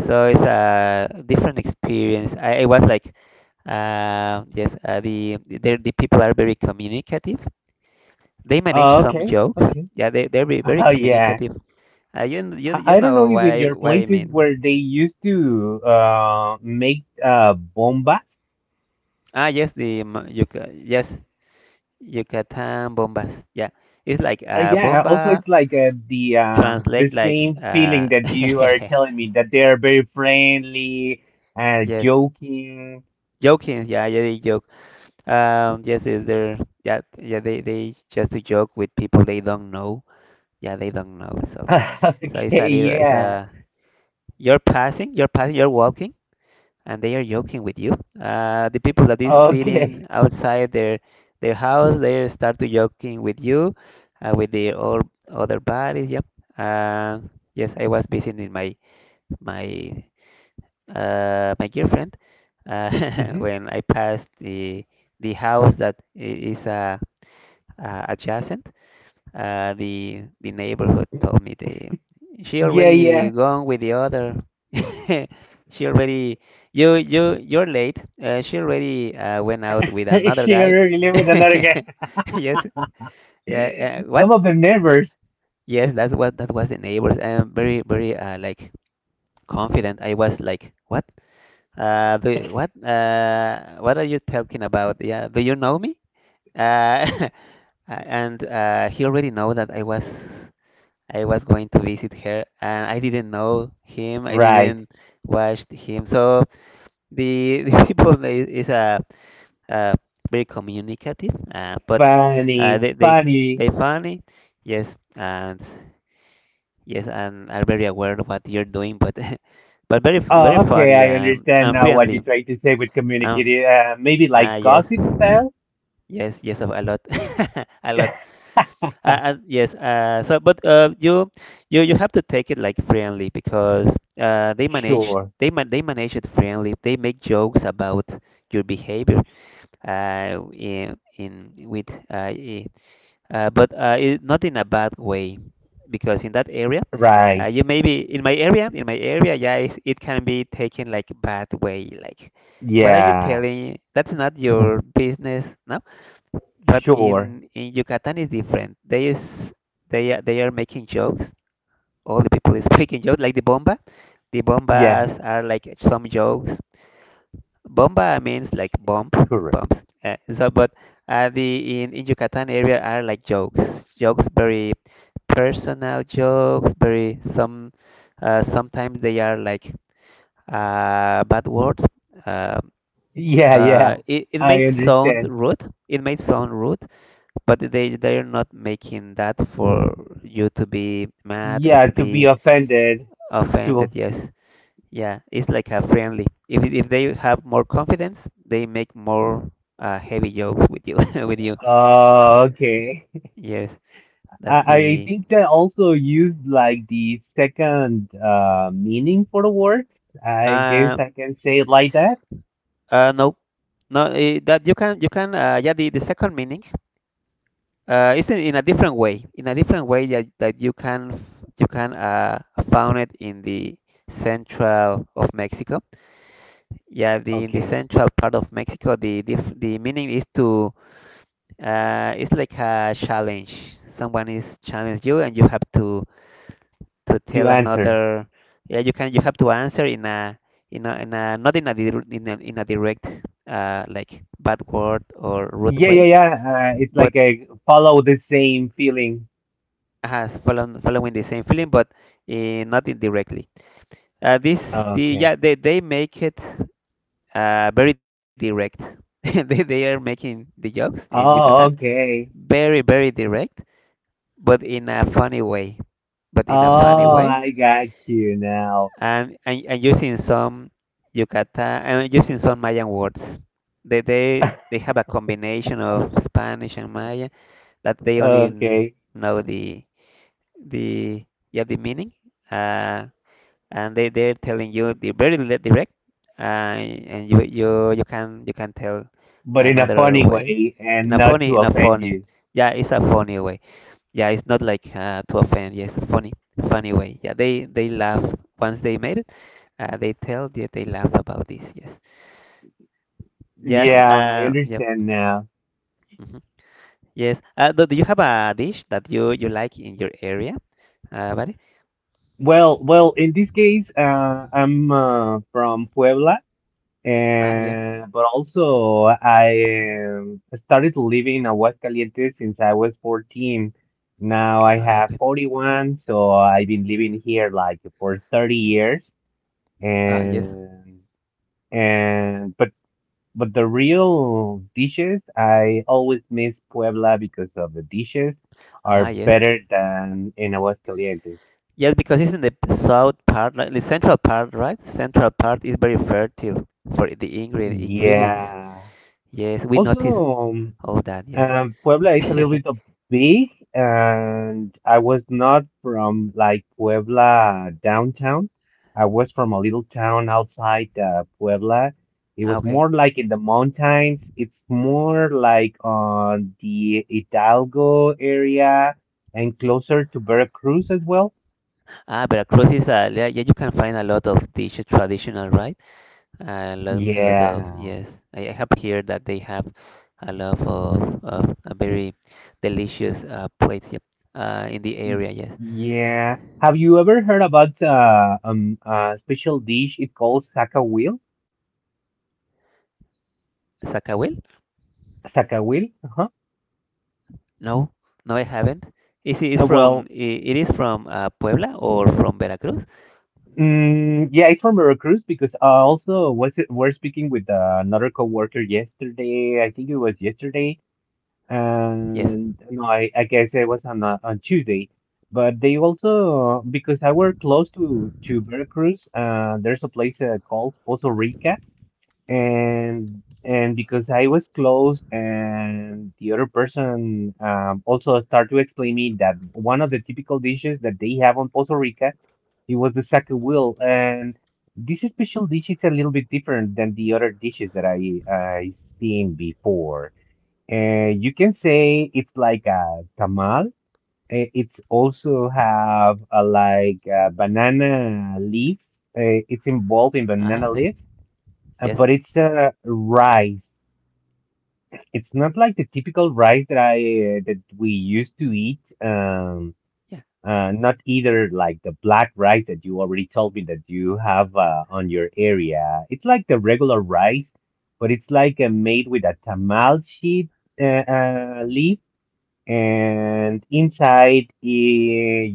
[SPEAKER 2] So it's a different experience. I was like, yes, the people are very communicative. They manage
[SPEAKER 1] Oh,
[SPEAKER 2] some
[SPEAKER 1] okay,
[SPEAKER 2] jokes.
[SPEAKER 1] okay.
[SPEAKER 2] Yeah, they're very, very
[SPEAKER 1] Oh, yeah.
[SPEAKER 2] communicative. You kn- you
[SPEAKER 1] I
[SPEAKER 2] you
[SPEAKER 1] I don't know
[SPEAKER 2] know
[SPEAKER 1] if in your
[SPEAKER 2] what I
[SPEAKER 1] places
[SPEAKER 2] mean.
[SPEAKER 1] where they used to make bombas.
[SPEAKER 2] Ah, yes, the m- Yuca yes, Yucatan bombas. Yeah, it's like,
[SPEAKER 1] Yeah, also
[SPEAKER 2] bomba
[SPEAKER 1] it's like the
[SPEAKER 2] translate like,
[SPEAKER 1] same feeling that you are telling me that they are very friendly,
[SPEAKER 2] yes,
[SPEAKER 1] joking.
[SPEAKER 2] joking. Yeah, yeah. Yes, is there? Yeah, yeah. They just to joke with people they don't know. Yeah, they don't know. So it's
[SPEAKER 1] Okay,
[SPEAKER 2] a little. It's
[SPEAKER 1] yeah.
[SPEAKER 2] a. You're passing, you're passing, you're walking, and they are joking with you. The people that is sitting
[SPEAKER 1] Okay.
[SPEAKER 2] outside their house, they start to joking with you, with their all other bodies. Yep. Uh, yes, I was visiting my, my girlfriend, uh,
[SPEAKER 1] Hmm.
[SPEAKER 2] when I passed the house that, is a, adjacent. The neighborhood told me the she
[SPEAKER 1] Yeah,
[SPEAKER 2] already
[SPEAKER 1] yeah.
[SPEAKER 2] gone with the other. She already. You're late. She already, went out with another guy.
[SPEAKER 1] Share you live with another guy.
[SPEAKER 2] Yes, yeah. What?
[SPEAKER 1] Some of the neighbors,
[SPEAKER 2] Yes, that was the neighbors. I'm very, confident. I was like, what? What? What are you talking about? Yeah, do you know me? Uh, and he already know that I was. I was going to visit her, and I didn't know him. I
[SPEAKER 1] right?
[SPEAKER 2] didn't watch him. So the. the people, is a, uh, uh, very communicative, but, uh,
[SPEAKER 1] Funny,
[SPEAKER 2] they they they
[SPEAKER 1] funny.
[SPEAKER 2] funny. Yes. and Yes, and are very aware of what you're doing, but very
[SPEAKER 1] Oh, okay.
[SPEAKER 2] funny
[SPEAKER 1] I
[SPEAKER 2] and
[SPEAKER 1] understand
[SPEAKER 2] and
[SPEAKER 1] now what
[SPEAKER 2] friendly.
[SPEAKER 1] you're trying to say with
[SPEAKER 2] And f-
[SPEAKER 1] communicating. Maybe like
[SPEAKER 2] ah Yes,
[SPEAKER 1] gossip style?
[SPEAKER 2] yes, yes, a lot, a lot. And yes, so but, you have to take it like friendly because,
[SPEAKER 1] Sure.
[SPEAKER 2] they manage it friendly. They make jokes about your behavior, in with, uh, i- but, not in a bad way, because in that area,
[SPEAKER 1] Right.
[SPEAKER 2] you, maybe in my area yeah, it can be taken like bad way, like, what are you
[SPEAKER 1] Yeah.
[SPEAKER 2] telling? That's not your business, no? But
[SPEAKER 1] Sure.
[SPEAKER 2] in Yucatan is different. They are making jokes. All the people is making jokes like the bomba. The
[SPEAKER 1] Yeah.
[SPEAKER 2] bombas are like some jokes. Bomba means like bomb,
[SPEAKER 1] Correct.
[SPEAKER 2] bombs. So, but, the in Yucatan area are like jokes, jokes, very personal jokes, very some, sometimes they are like, bad words. Uh,
[SPEAKER 1] Yeah. Yeah.
[SPEAKER 2] it
[SPEAKER 1] I
[SPEAKER 2] might sound
[SPEAKER 1] understand.
[SPEAKER 2] rude. It might sound rude, but they're not making that for you to be mad or
[SPEAKER 1] Yeah.
[SPEAKER 2] to
[SPEAKER 1] To be
[SPEAKER 2] be
[SPEAKER 1] offended.
[SPEAKER 2] offended.
[SPEAKER 1] To.
[SPEAKER 2] Yes, yeah, it's like a friendly, if they have more confidence they make more, heavy jokes with you, with you,
[SPEAKER 1] Oh, okay.
[SPEAKER 2] yes.
[SPEAKER 1] I,
[SPEAKER 2] That's
[SPEAKER 1] I
[SPEAKER 2] the.
[SPEAKER 1] think that also used like the second meaning for the words. I guess
[SPEAKER 2] uh
[SPEAKER 1] I can say it like that.
[SPEAKER 2] no, no, that you can, yeah, the second meaning, is in, in a different way that, you can, found it in the central of Mexico. Yeah, the
[SPEAKER 1] Okay.
[SPEAKER 2] central part of Mexico, the meaning is to, it's like a challenge. Someone is challenge you, and you have to
[SPEAKER 1] To
[SPEAKER 2] tell
[SPEAKER 1] answer.
[SPEAKER 2] another. Yeah, you have to answer in a, not in a, in a direct, like bad word or rude
[SPEAKER 1] Yeah, yeah,
[SPEAKER 2] way,
[SPEAKER 1] yeah. It's
[SPEAKER 2] but
[SPEAKER 1] like a follow the same feeling.
[SPEAKER 2] has following the same feeling, but, uh, not indirectly. This the
[SPEAKER 1] Okay.
[SPEAKER 2] Yeah, they make it, very direct. They are making the jokes in Yucatan
[SPEAKER 1] Oh, okay.
[SPEAKER 2] very direct, but in a funny way, but in a funny
[SPEAKER 1] Oh,
[SPEAKER 2] way
[SPEAKER 1] I got you now.
[SPEAKER 2] and using some Mayan words. They have a combination of Spanish and Maya that they only
[SPEAKER 1] Okay.
[SPEAKER 2] know the, yeah, the meaning. uh and they're telling you the very, direct, and you can tell
[SPEAKER 1] But in a
[SPEAKER 2] another
[SPEAKER 1] funny
[SPEAKER 2] way,
[SPEAKER 1] way
[SPEAKER 2] in
[SPEAKER 1] and
[SPEAKER 2] a
[SPEAKER 1] not
[SPEAKER 2] funny,
[SPEAKER 1] to offend you.
[SPEAKER 2] yeah, it's a funny way. Yeah, it's not like, to offend. Yeah, it's a funny, funny way. Yeah, they laugh once they made it. They tell that they laugh about this. Yes, yes,
[SPEAKER 1] Yeah, I
[SPEAKER 2] yeah,
[SPEAKER 1] understand now.
[SPEAKER 2] hmm, yes. Do you have a dish that you like in your area, buddy?
[SPEAKER 1] Well, in this case, I'm from Puebla.
[SPEAKER 2] Ah, yeah.
[SPEAKER 1] And but also I started to live in Aguascalientes since I was 14. Now I
[SPEAKER 2] Ah,
[SPEAKER 1] have
[SPEAKER 2] okay.
[SPEAKER 1] 41, so I've been living here like for 30 years.
[SPEAKER 2] Ah, yes.
[SPEAKER 1] And and but the real dishes, I always miss Puebla because of the dishes are
[SPEAKER 2] Ah, yes.
[SPEAKER 1] better than in Aguascalientes.
[SPEAKER 2] Yes, because it's in the south part, like the central part, right? Central part is very fertile for the ingredients.
[SPEAKER 1] Yeah.
[SPEAKER 2] Yes, we
[SPEAKER 1] Also,
[SPEAKER 2] notice all that. Yes.
[SPEAKER 1] Puebla is a little bit of big, and I was not from like Puebla downtown. I was from a little town outside Puebla. It was
[SPEAKER 2] Okay.
[SPEAKER 1] more like in the mountains. It's more like on the Hidalgo area and closer to Veracruz as well.
[SPEAKER 2] Ah, Veracruz is a, yeah, yeah, you can find a lot of dishes traditional, right? A lot of,
[SPEAKER 1] Yeah.
[SPEAKER 2] yes. I have heard that they have a lot of a very delicious, plates, yep, in the
[SPEAKER 1] Y-
[SPEAKER 2] area. Yes.
[SPEAKER 1] yeah. Have you ever heard about a special dish it calls Sacahuil?
[SPEAKER 2] Zacahuil?
[SPEAKER 1] Sacahuil? Uh-huh.
[SPEAKER 2] No, no, I haven't. Is it is from
[SPEAKER 1] Well,
[SPEAKER 2] I- It is from, Puebla or from Veracruz?
[SPEAKER 1] Yeah, it's from Veracruz because also was it, we're speaking with another coworker yesterday. I think it was yesterday,
[SPEAKER 2] Yes.
[SPEAKER 1] and no, I guess it was on Tuesday. But they also because I work close to Veracruz, there's a place called Pozo Rica, and because I was close, and the other person also started to explain me that one of the typical dishes that they have on Puerto Rica, it was the wheel, and this special dish is a little bit different than the other dishes that I seen before. And you can say it's like a tamal. It's also have like banana leaves. It's involved in
[SPEAKER 2] Ah,
[SPEAKER 1] banana
[SPEAKER 2] okay.
[SPEAKER 1] leaves
[SPEAKER 2] Yes.
[SPEAKER 1] but it's a rice. It's not like the typical rice that I that we used to eat.
[SPEAKER 2] Yeah.
[SPEAKER 1] Not either like the black rice that you already told me that you have on your area. It's like the regular rice, but it's like made with a tamal sheet, uh, leaf, and inside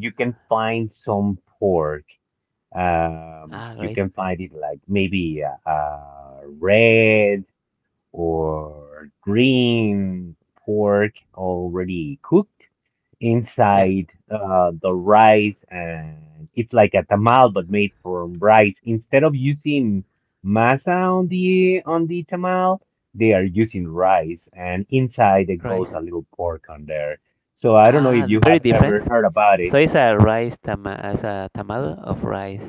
[SPEAKER 1] you can find some pork.
[SPEAKER 2] Ah,
[SPEAKER 1] You
[SPEAKER 2] great.
[SPEAKER 1] can find it like maybe red or green pork already cooked
[SPEAKER 2] Yeah,
[SPEAKER 1] inside the rice, and it's like a tamal but made from rice instead of using masa on the tamal. They are using rice, and inside it goes
[SPEAKER 2] rice.
[SPEAKER 1] a little pork on there. So I don't know if
[SPEAKER 2] Ah,
[SPEAKER 1] you
[SPEAKER 2] very
[SPEAKER 1] have
[SPEAKER 2] different.
[SPEAKER 1] ever heard about
[SPEAKER 2] So
[SPEAKER 1] it.
[SPEAKER 2] it's a rice tama, as a tamal of rice.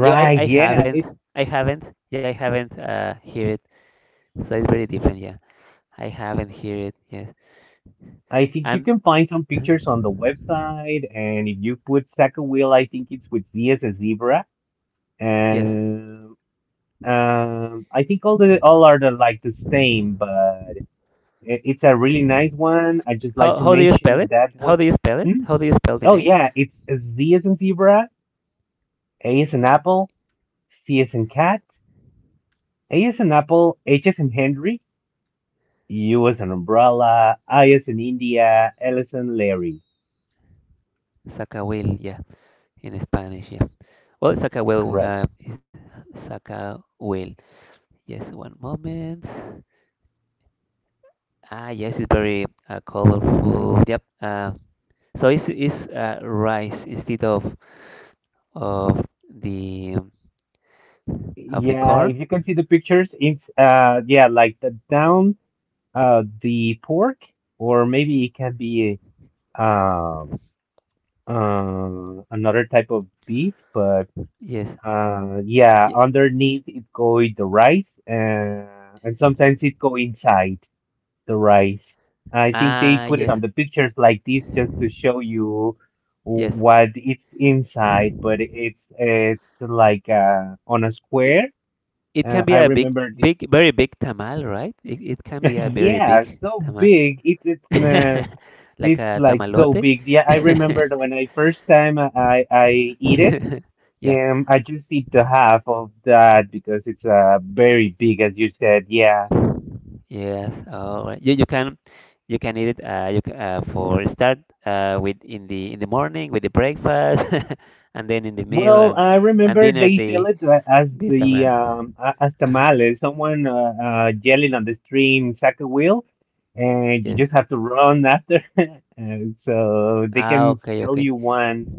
[SPEAKER 2] Yeah, I, I
[SPEAKER 1] Yeah.
[SPEAKER 2] haven't.
[SPEAKER 1] it
[SPEAKER 2] I haven't. Yeah, I haven't hear it. So it's very different, yeah. I haven't hear it, yes.
[SPEAKER 1] I think you
[SPEAKER 2] And
[SPEAKER 1] can find some pictures on the
[SPEAKER 2] Mhm.
[SPEAKER 1] website, and if you put Wheel, I think it's with Z as a zebra.
[SPEAKER 2] Yes.
[SPEAKER 1] And, I think all are the, like the same, but it's a really nice one. I just like
[SPEAKER 2] How
[SPEAKER 1] to
[SPEAKER 2] do you spell
[SPEAKER 1] mention
[SPEAKER 2] it?
[SPEAKER 1] that
[SPEAKER 2] How
[SPEAKER 1] one.
[SPEAKER 2] do you spell it?
[SPEAKER 1] Hmm?
[SPEAKER 2] How do you spell the
[SPEAKER 1] Oh
[SPEAKER 2] name?
[SPEAKER 1] yeah, it's Zacahuil.
[SPEAKER 2] Zacahuil, yeah, in Spanish, yeah. Well, Zacahuil,
[SPEAKER 1] Correct.
[SPEAKER 2] Zacahuil. Yes, one moment. Ah, yes, it's very colorful. Yep. So it's rice instead of of the of the
[SPEAKER 1] Yeah,
[SPEAKER 2] corn.
[SPEAKER 1] if you can see the pictures, it's yeah, like the down, the pork, or maybe it can be um another type of beef, but
[SPEAKER 2] Yes.
[SPEAKER 1] yeah, underneath it go in the rice, and sometimes it go inside the rice. I think they
[SPEAKER 2] Ah,
[SPEAKER 1] put it on
[SPEAKER 2] yes,
[SPEAKER 1] the pictures like this just to show you
[SPEAKER 2] yes.
[SPEAKER 1] what it's inside, but it's like on a
[SPEAKER 2] It,
[SPEAKER 1] square.
[SPEAKER 2] it can be
[SPEAKER 1] I
[SPEAKER 2] a big,
[SPEAKER 1] remember this.
[SPEAKER 2] very big tamal, right? It can be a very
[SPEAKER 1] Yeah,
[SPEAKER 2] big
[SPEAKER 1] so
[SPEAKER 2] tamal,
[SPEAKER 1] big.
[SPEAKER 2] like
[SPEAKER 1] It's
[SPEAKER 2] a
[SPEAKER 1] like so
[SPEAKER 2] tamalote.
[SPEAKER 1] big. Yeah, I remember when I first time I eat it.
[SPEAKER 2] Yeah.
[SPEAKER 1] I just eat the half of that because it's very big, as you said. Yeah.
[SPEAKER 2] Yes. All right. You can eat it. For start with in the morning with the breakfast, and then in the meal
[SPEAKER 1] Well, I
[SPEAKER 2] and
[SPEAKER 1] remember
[SPEAKER 2] dinner
[SPEAKER 1] they sell
[SPEAKER 2] the
[SPEAKER 1] it
[SPEAKER 2] this tamal.
[SPEAKER 1] as
[SPEAKER 2] Uh-huh.
[SPEAKER 1] tamales. Someone yelling on the stream, soccer wheel, and you
[SPEAKER 2] Yes.
[SPEAKER 1] just have to run after. And so they
[SPEAKER 2] Ah.
[SPEAKER 1] can
[SPEAKER 2] Okay.
[SPEAKER 1] sell
[SPEAKER 2] Okay.
[SPEAKER 1] you one,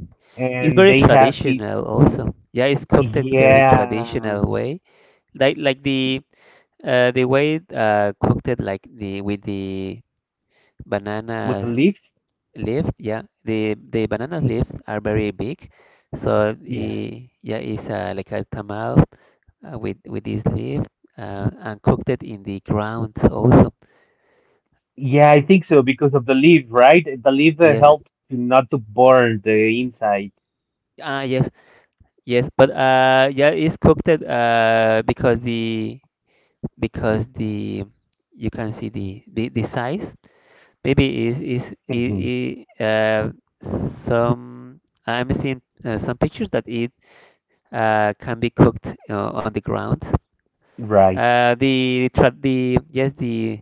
[SPEAKER 2] It's
[SPEAKER 1] and
[SPEAKER 2] very
[SPEAKER 1] they have these.
[SPEAKER 2] traditional also. Yeah, it's cooked it very
[SPEAKER 1] Yeah.
[SPEAKER 2] traditional way. Like the way cooked it like the with the
[SPEAKER 1] With the
[SPEAKER 2] bananas
[SPEAKER 1] leaves.
[SPEAKER 2] leaf. Yeah, the banana leaves are very big. So
[SPEAKER 1] Yeah.
[SPEAKER 2] yeah, it's like a tamal with this leaf and cooked it in the ground also.
[SPEAKER 1] Yeah, I think so because of the leaf, right? The leaf
[SPEAKER 2] Yes.
[SPEAKER 1] helps to not to burn the inside.
[SPEAKER 2] Ah, yes, yes. But yeah, it's cooked it because the because the you can see the size maybe is it,
[SPEAKER 1] Hmm.
[SPEAKER 2] it, some I'm seeing some pictures that it can be cooked on the ground.
[SPEAKER 1] Right.
[SPEAKER 2] The tra the yes the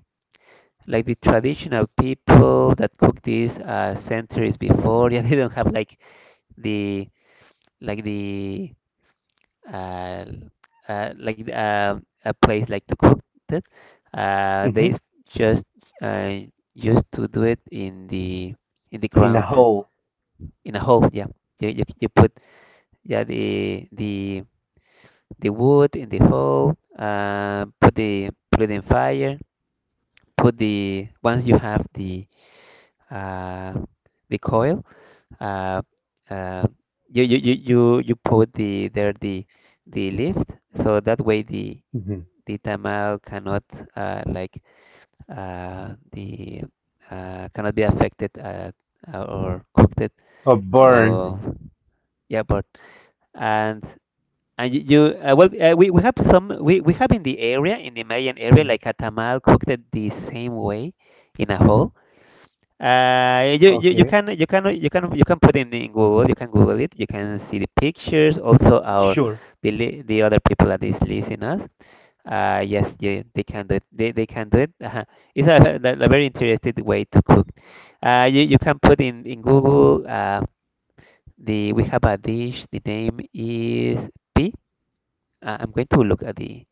[SPEAKER 2] Like the traditional people that cook this centuries before. Yeah, they don't have like the like the uh, like a place like to cook it. Uh, they
[SPEAKER 1] Hmm.
[SPEAKER 2] s- just uh, used to do it in the
[SPEAKER 1] In a
[SPEAKER 2] ground
[SPEAKER 1] hole.
[SPEAKER 2] in a hole. Yeah, you put yeah the the the wood in the hole. Put the put it in fire. Put the once you have uh, the coil. Uh, uh, you put the there the lift so that way the
[SPEAKER 1] Hmm.
[SPEAKER 2] Tita Mao cannot like the cannot be affected or cooked it
[SPEAKER 1] Or burn.
[SPEAKER 2] or yeah but and and you we have some we have in the area in the Mayan area
[SPEAKER 1] Mhm.
[SPEAKER 2] like a tamal cooked it the same way in a hole you
[SPEAKER 1] Okay.
[SPEAKER 2] can put in Google. You can Google it. You can see the pictures also. Our
[SPEAKER 1] Sure.
[SPEAKER 2] the other people that is listening us, yes, yeah, they can do it. They can do it. Uh-huh. It's a, a very interesting way to cook. You can put in Google the we have a dish. The name is P. I'm going to look at the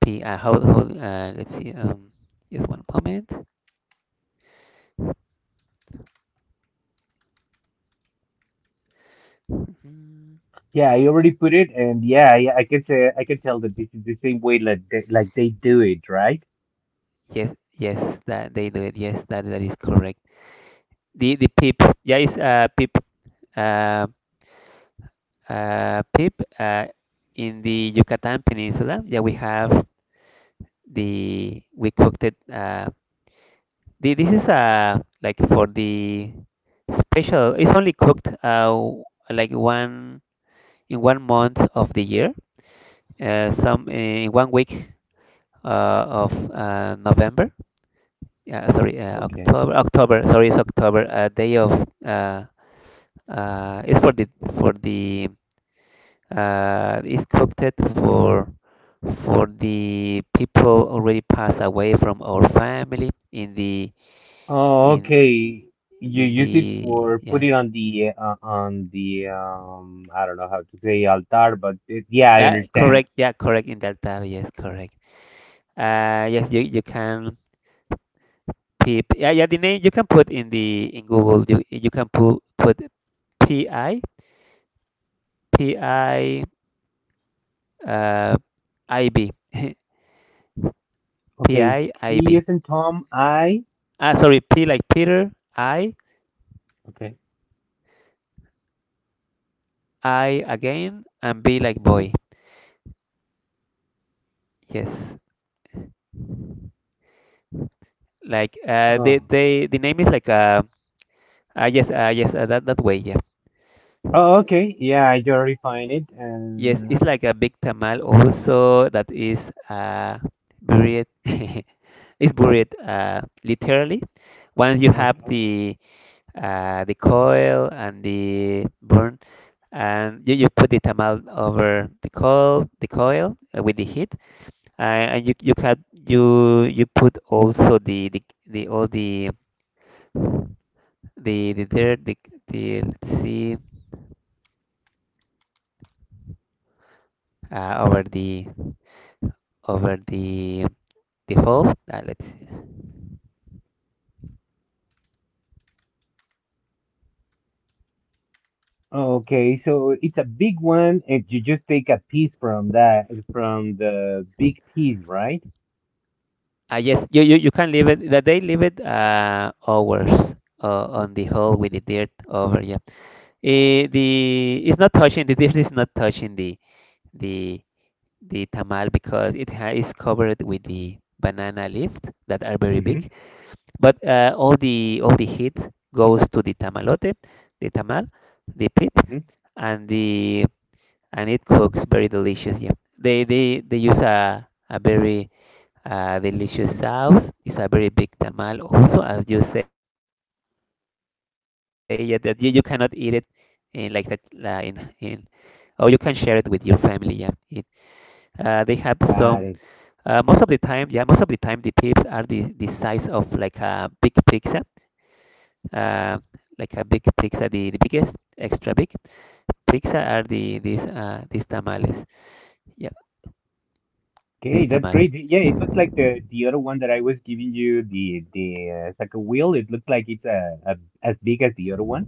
[SPEAKER 2] P. How let's see. Just one moment. Mhm.
[SPEAKER 1] Yeah, I already put it, and yeah, yeah, I can tell that this is the same way like like they do it, right?
[SPEAKER 2] Yes, yes, that they do it. Yes, that that is correct. The pip. Yeah, it's pip. Uh, Pip. In the Yucatan Peninsula. Yeah, we have. The we cooked it the, this is like for the special. It's only cooked like one in 1 month of the year some in 1 week of November. Yeah, sorry,
[SPEAKER 1] Okay.
[SPEAKER 2] October. October, sorry, it's October day of uh it's for the for the it's cooked it for the people already passed away from our family in the
[SPEAKER 1] Oh,
[SPEAKER 2] in
[SPEAKER 1] okay. You
[SPEAKER 2] in
[SPEAKER 1] use it
[SPEAKER 2] the
[SPEAKER 1] for put
[SPEAKER 2] yeah
[SPEAKER 1] it on the I don't know how to say altar, but yeah, I
[SPEAKER 2] that
[SPEAKER 1] understand.
[SPEAKER 2] correct yeah correct in that data yes correct yes you you can peep yeah yeah the name you can put in the in Google. You can put PI PI uh IB
[SPEAKER 1] Okay,
[SPEAKER 2] PI IB
[SPEAKER 1] T is in Tom, I.
[SPEAKER 2] ah sorry, P like Peter, I
[SPEAKER 1] Okay.
[SPEAKER 2] I again and B like boy.
[SPEAKER 1] Mhm.
[SPEAKER 2] Yes, like
[SPEAKER 1] Oh.
[SPEAKER 2] they the name is like yes that that way yeah.
[SPEAKER 1] Oh, okay. Yeah, I already find it.
[SPEAKER 2] Yes, it's
[SPEAKER 1] And
[SPEAKER 2] like a big tamal also that is buried. It's buried literally. Once you have
[SPEAKER 1] okay.
[SPEAKER 2] the coil and the burn, and you put the tamal over the coil with the heat, uh, and you can you you put also the all the the dirt the let's see, over the over the the hole. Let's see.
[SPEAKER 1] Oh, okay, so it's a big one, and you just take a piece from that, from the big piece, right?
[SPEAKER 2] Yes, you can leave it, that they leave it hours on the hole with the dirt over. Yeah. Eh, the it's not touching the dirt. Is not touching the the tamal because it ha is covered with the banana leaves that are very
[SPEAKER 1] Hmm.
[SPEAKER 2] big. But all the heat goes to the tamalote, the tamal, the pit,
[SPEAKER 1] Hmm.
[SPEAKER 2] and the and it cooks very delicious. Yeah, they use a very delicious sauce. It's a very big tamal also, as you say, yeah, that you cannot eat it in like that in or you can share it with your family. Yeah, it they have some.
[SPEAKER 1] Got
[SPEAKER 2] Most of
[SPEAKER 1] it.
[SPEAKER 2] the time, yeah, most of the time the pips are the size of like a big pizza, uh, like a big pizza, the biggest, extra big pizza are the these tamales. Yeah, this
[SPEAKER 1] Okay, that's
[SPEAKER 2] tamal.
[SPEAKER 1] great. Yeah, it looks like the other one that I was giving you, the it's like a wheel. It looks like it's a as big as the other one.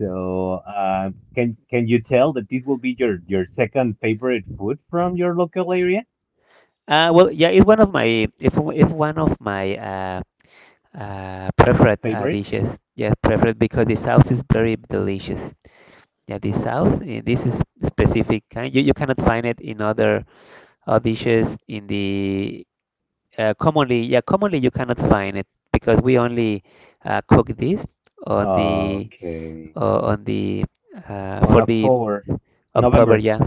[SPEAKER 1] So, can you tell that this will be your second favorite food from your local area?
[SPEAKER 2] Well, yeah, it's one of my if one of my preferred
[SPEAKER 1] Favorite?
[SPEAKER 2] dishes. Yes, preferred because the sauce is very delicious. Yeah, the sauce, eh, this is specific kind. You cannot find it in other dishes in the commonly. Yeah, commonly you cannot find it because we only cook this on the
[SPEAKER 1] Okay.
[SPEAKER 2] uh, on the
[SPEAKER 1] On
[SPEAKER 2] for the
[SPEAKER 1] October,
[SPEAKER 2] October.
[SPEAKER 1] November.
[SPEAKER 2] Yeah,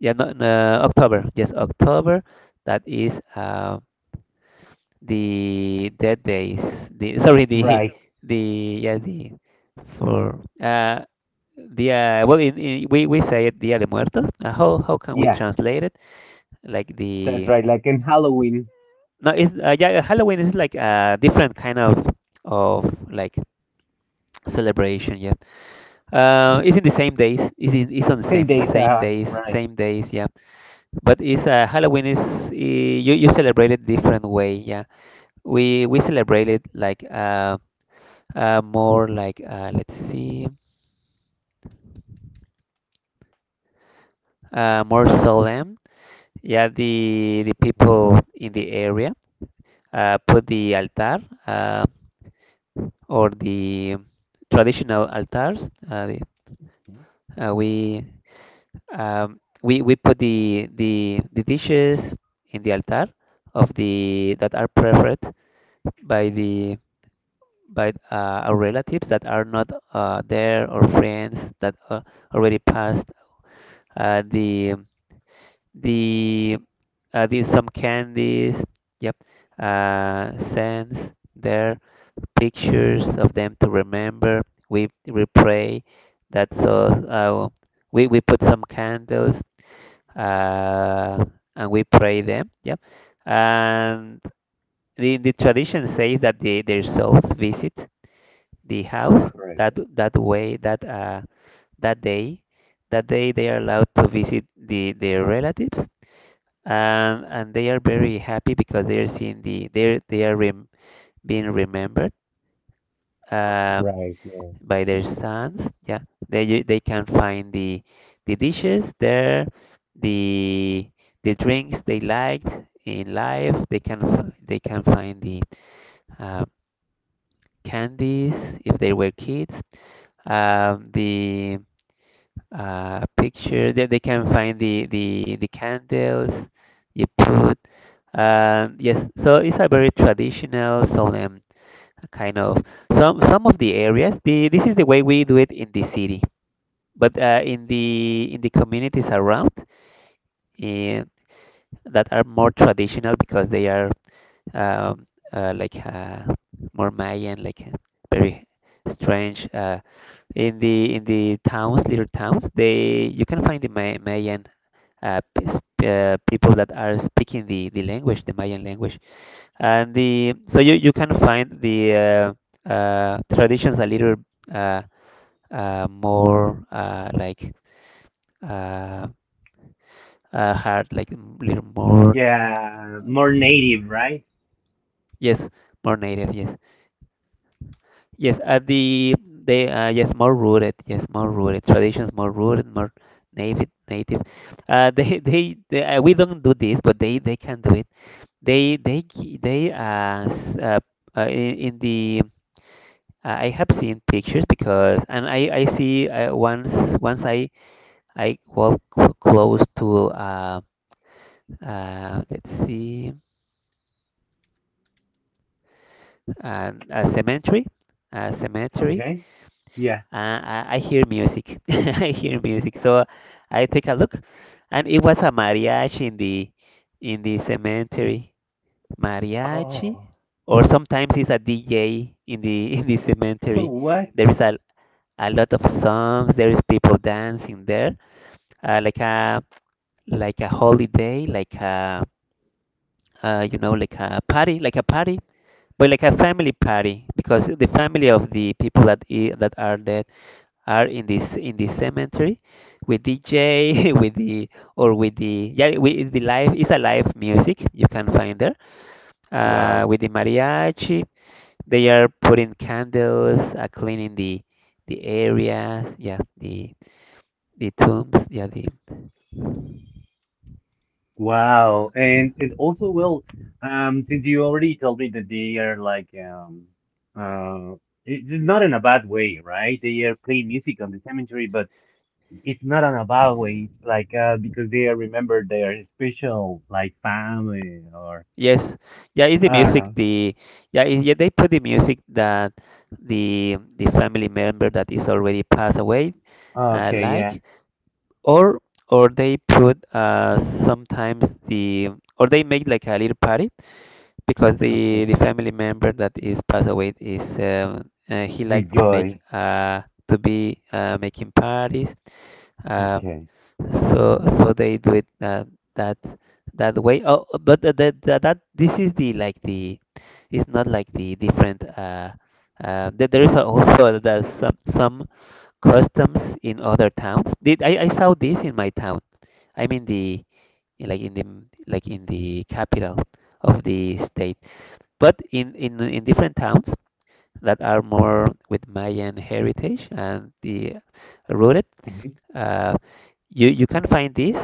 [SPEAKER 2] yeah, no, no, October. Yes, October. That is the dead days the sorry
[SPEAKER 1] Right.
[SPEAKER 2] the yeah the for the well in, we say it Dia de Muertos. Uh, how can we
[SPEAKER 1] Yeah,
[SPEAKER 2] translate it like
[SPEAKER 1] that's
[SPEAKER 2] the?
[SPEAKER 1] right. Like in Halloween,
[SPEAKER 2] No, it's yeah Halloween is like a different kind of of like celebration. Yeah, it's in the same days. It's it's on the
[SPEAKER 1] same
[SPEAKER 2] same
[SPEAKER 1] days.
[SPEAKER 2] days,
[SPEAKER 1] Right.
[SPEAKER 2] same days, yeah. But it's Halloween is you you celebrate it different way. Yeah, we celebrate it like more like let's see, more solemn. Yeah, the
[SPEAKER 1] Mhm.
[SPEAKER 2] people in the area put the altar uh, or the traditional altars. We, we put the dishes in the altar of the that are preferred by the by our relatives that are not there or friends that already passed. Uh, the the these some candies, yep, sends their pictures of them to remember. We pray that. So we put some candles uh, and we pray them, yep. And the tradition says that their souls visit the house
[SPEAKER 1] Correct.
[SPEAKER 2] that that way that that day, that day they are allowed to visit the their relatives and they are very happy because they are seeing the they are being remembered uh,
[SPEAKER 1] Right. Yeah.
[SPEAKER 2] by their sons. Yeah, they they can find the dishes there, the the drinks they liked in life. They can they can find the uh, candies if they were kids, the picture that they can find the the candles you put. And yes, so it's a very traditional, solemn kind of some of the areas. The this is the way we do it in the city, but in the communities around in, that are more traditional because they are um, like more Mayan, like very strange. In the towns, little towns, they you can find the Mayan people that are speaking the language, the Mayan language. And the so you can find the traditions a little uh, more uh, hard, like a little more,
[SPEAKER 1] Yeah, more native, right?
[SPEAKER 2] yes, more native, yes, yes. At the they yes, more rooted traditions, more rooted, more native, native. They they we don't do this, but they can do it. They gi- they s- In the I have seen pictures because, and I see once once I I walk close to let's see, a cemetery, a cemetery.
[SPEAKER 1] Okay. Yeah.
[SPEAKER 2] I hear music. I hear music, so I take a look, and it was a mariachi in the cemetery. Mariachi,
[SPEAKER 1] Oh.
[SPEAKER 2] or sometimes it's a DJ in the in the cemetery.
[SPEAKER 1] What?
[SPEAKER 2] There is a lot of songs. There is people dancing there uh, like a like a holiday, like a like a party, but like a family party because the family of the people that are dead are in this cemetery with DJ with the or with the, yeah, with the live, it's a live music you can find there
[SPEAKER 1] Wow.
[SPEAKER 2] with the mariachi. They are putting candles, cleaning the the areas, yeah, the tombs, yeah, the.
[SPEAKER 1] Wow. And it also, will. Since you already told me that they are like uh it's not in a bad way, right? They are playing music on the cemetery, but it's not on a bad way. It's like because they remember their special like family or
[SPEAKER 2] Yes, yeah, it's the
[SPEAKER 1] I don't
[SPEAKER 2] music.
[SPEAKER 1] know.
[SPEAKER 2] They put the music that the family member that is already passed away, uh,
[SPEAKER 1] Okay, yeah.
[SPEAKER 2] like, or or they put sometimes the, or they make like a little party because
[SPEAKER 1] Okay.
[SPEAKER 2] the family member that is passed away is he like to make
[SPEAKER 1] Enjoy.
[SPEAKER 2] to be making parties. uh,
[SPEAKER 1] Okay.
[SPEAKER 2] so they do it that that way. Oh, but this is the, like, the, it's not like the different. There is also the, some customs in other towns. Did I saw this in my town. I mean the, like in the, like in the capital of the state. But in different towns that are more with Mayan heritage and the rooted,
[SPEAKER 1] Mhm.
[SPEAKER 2] uh, you can find this,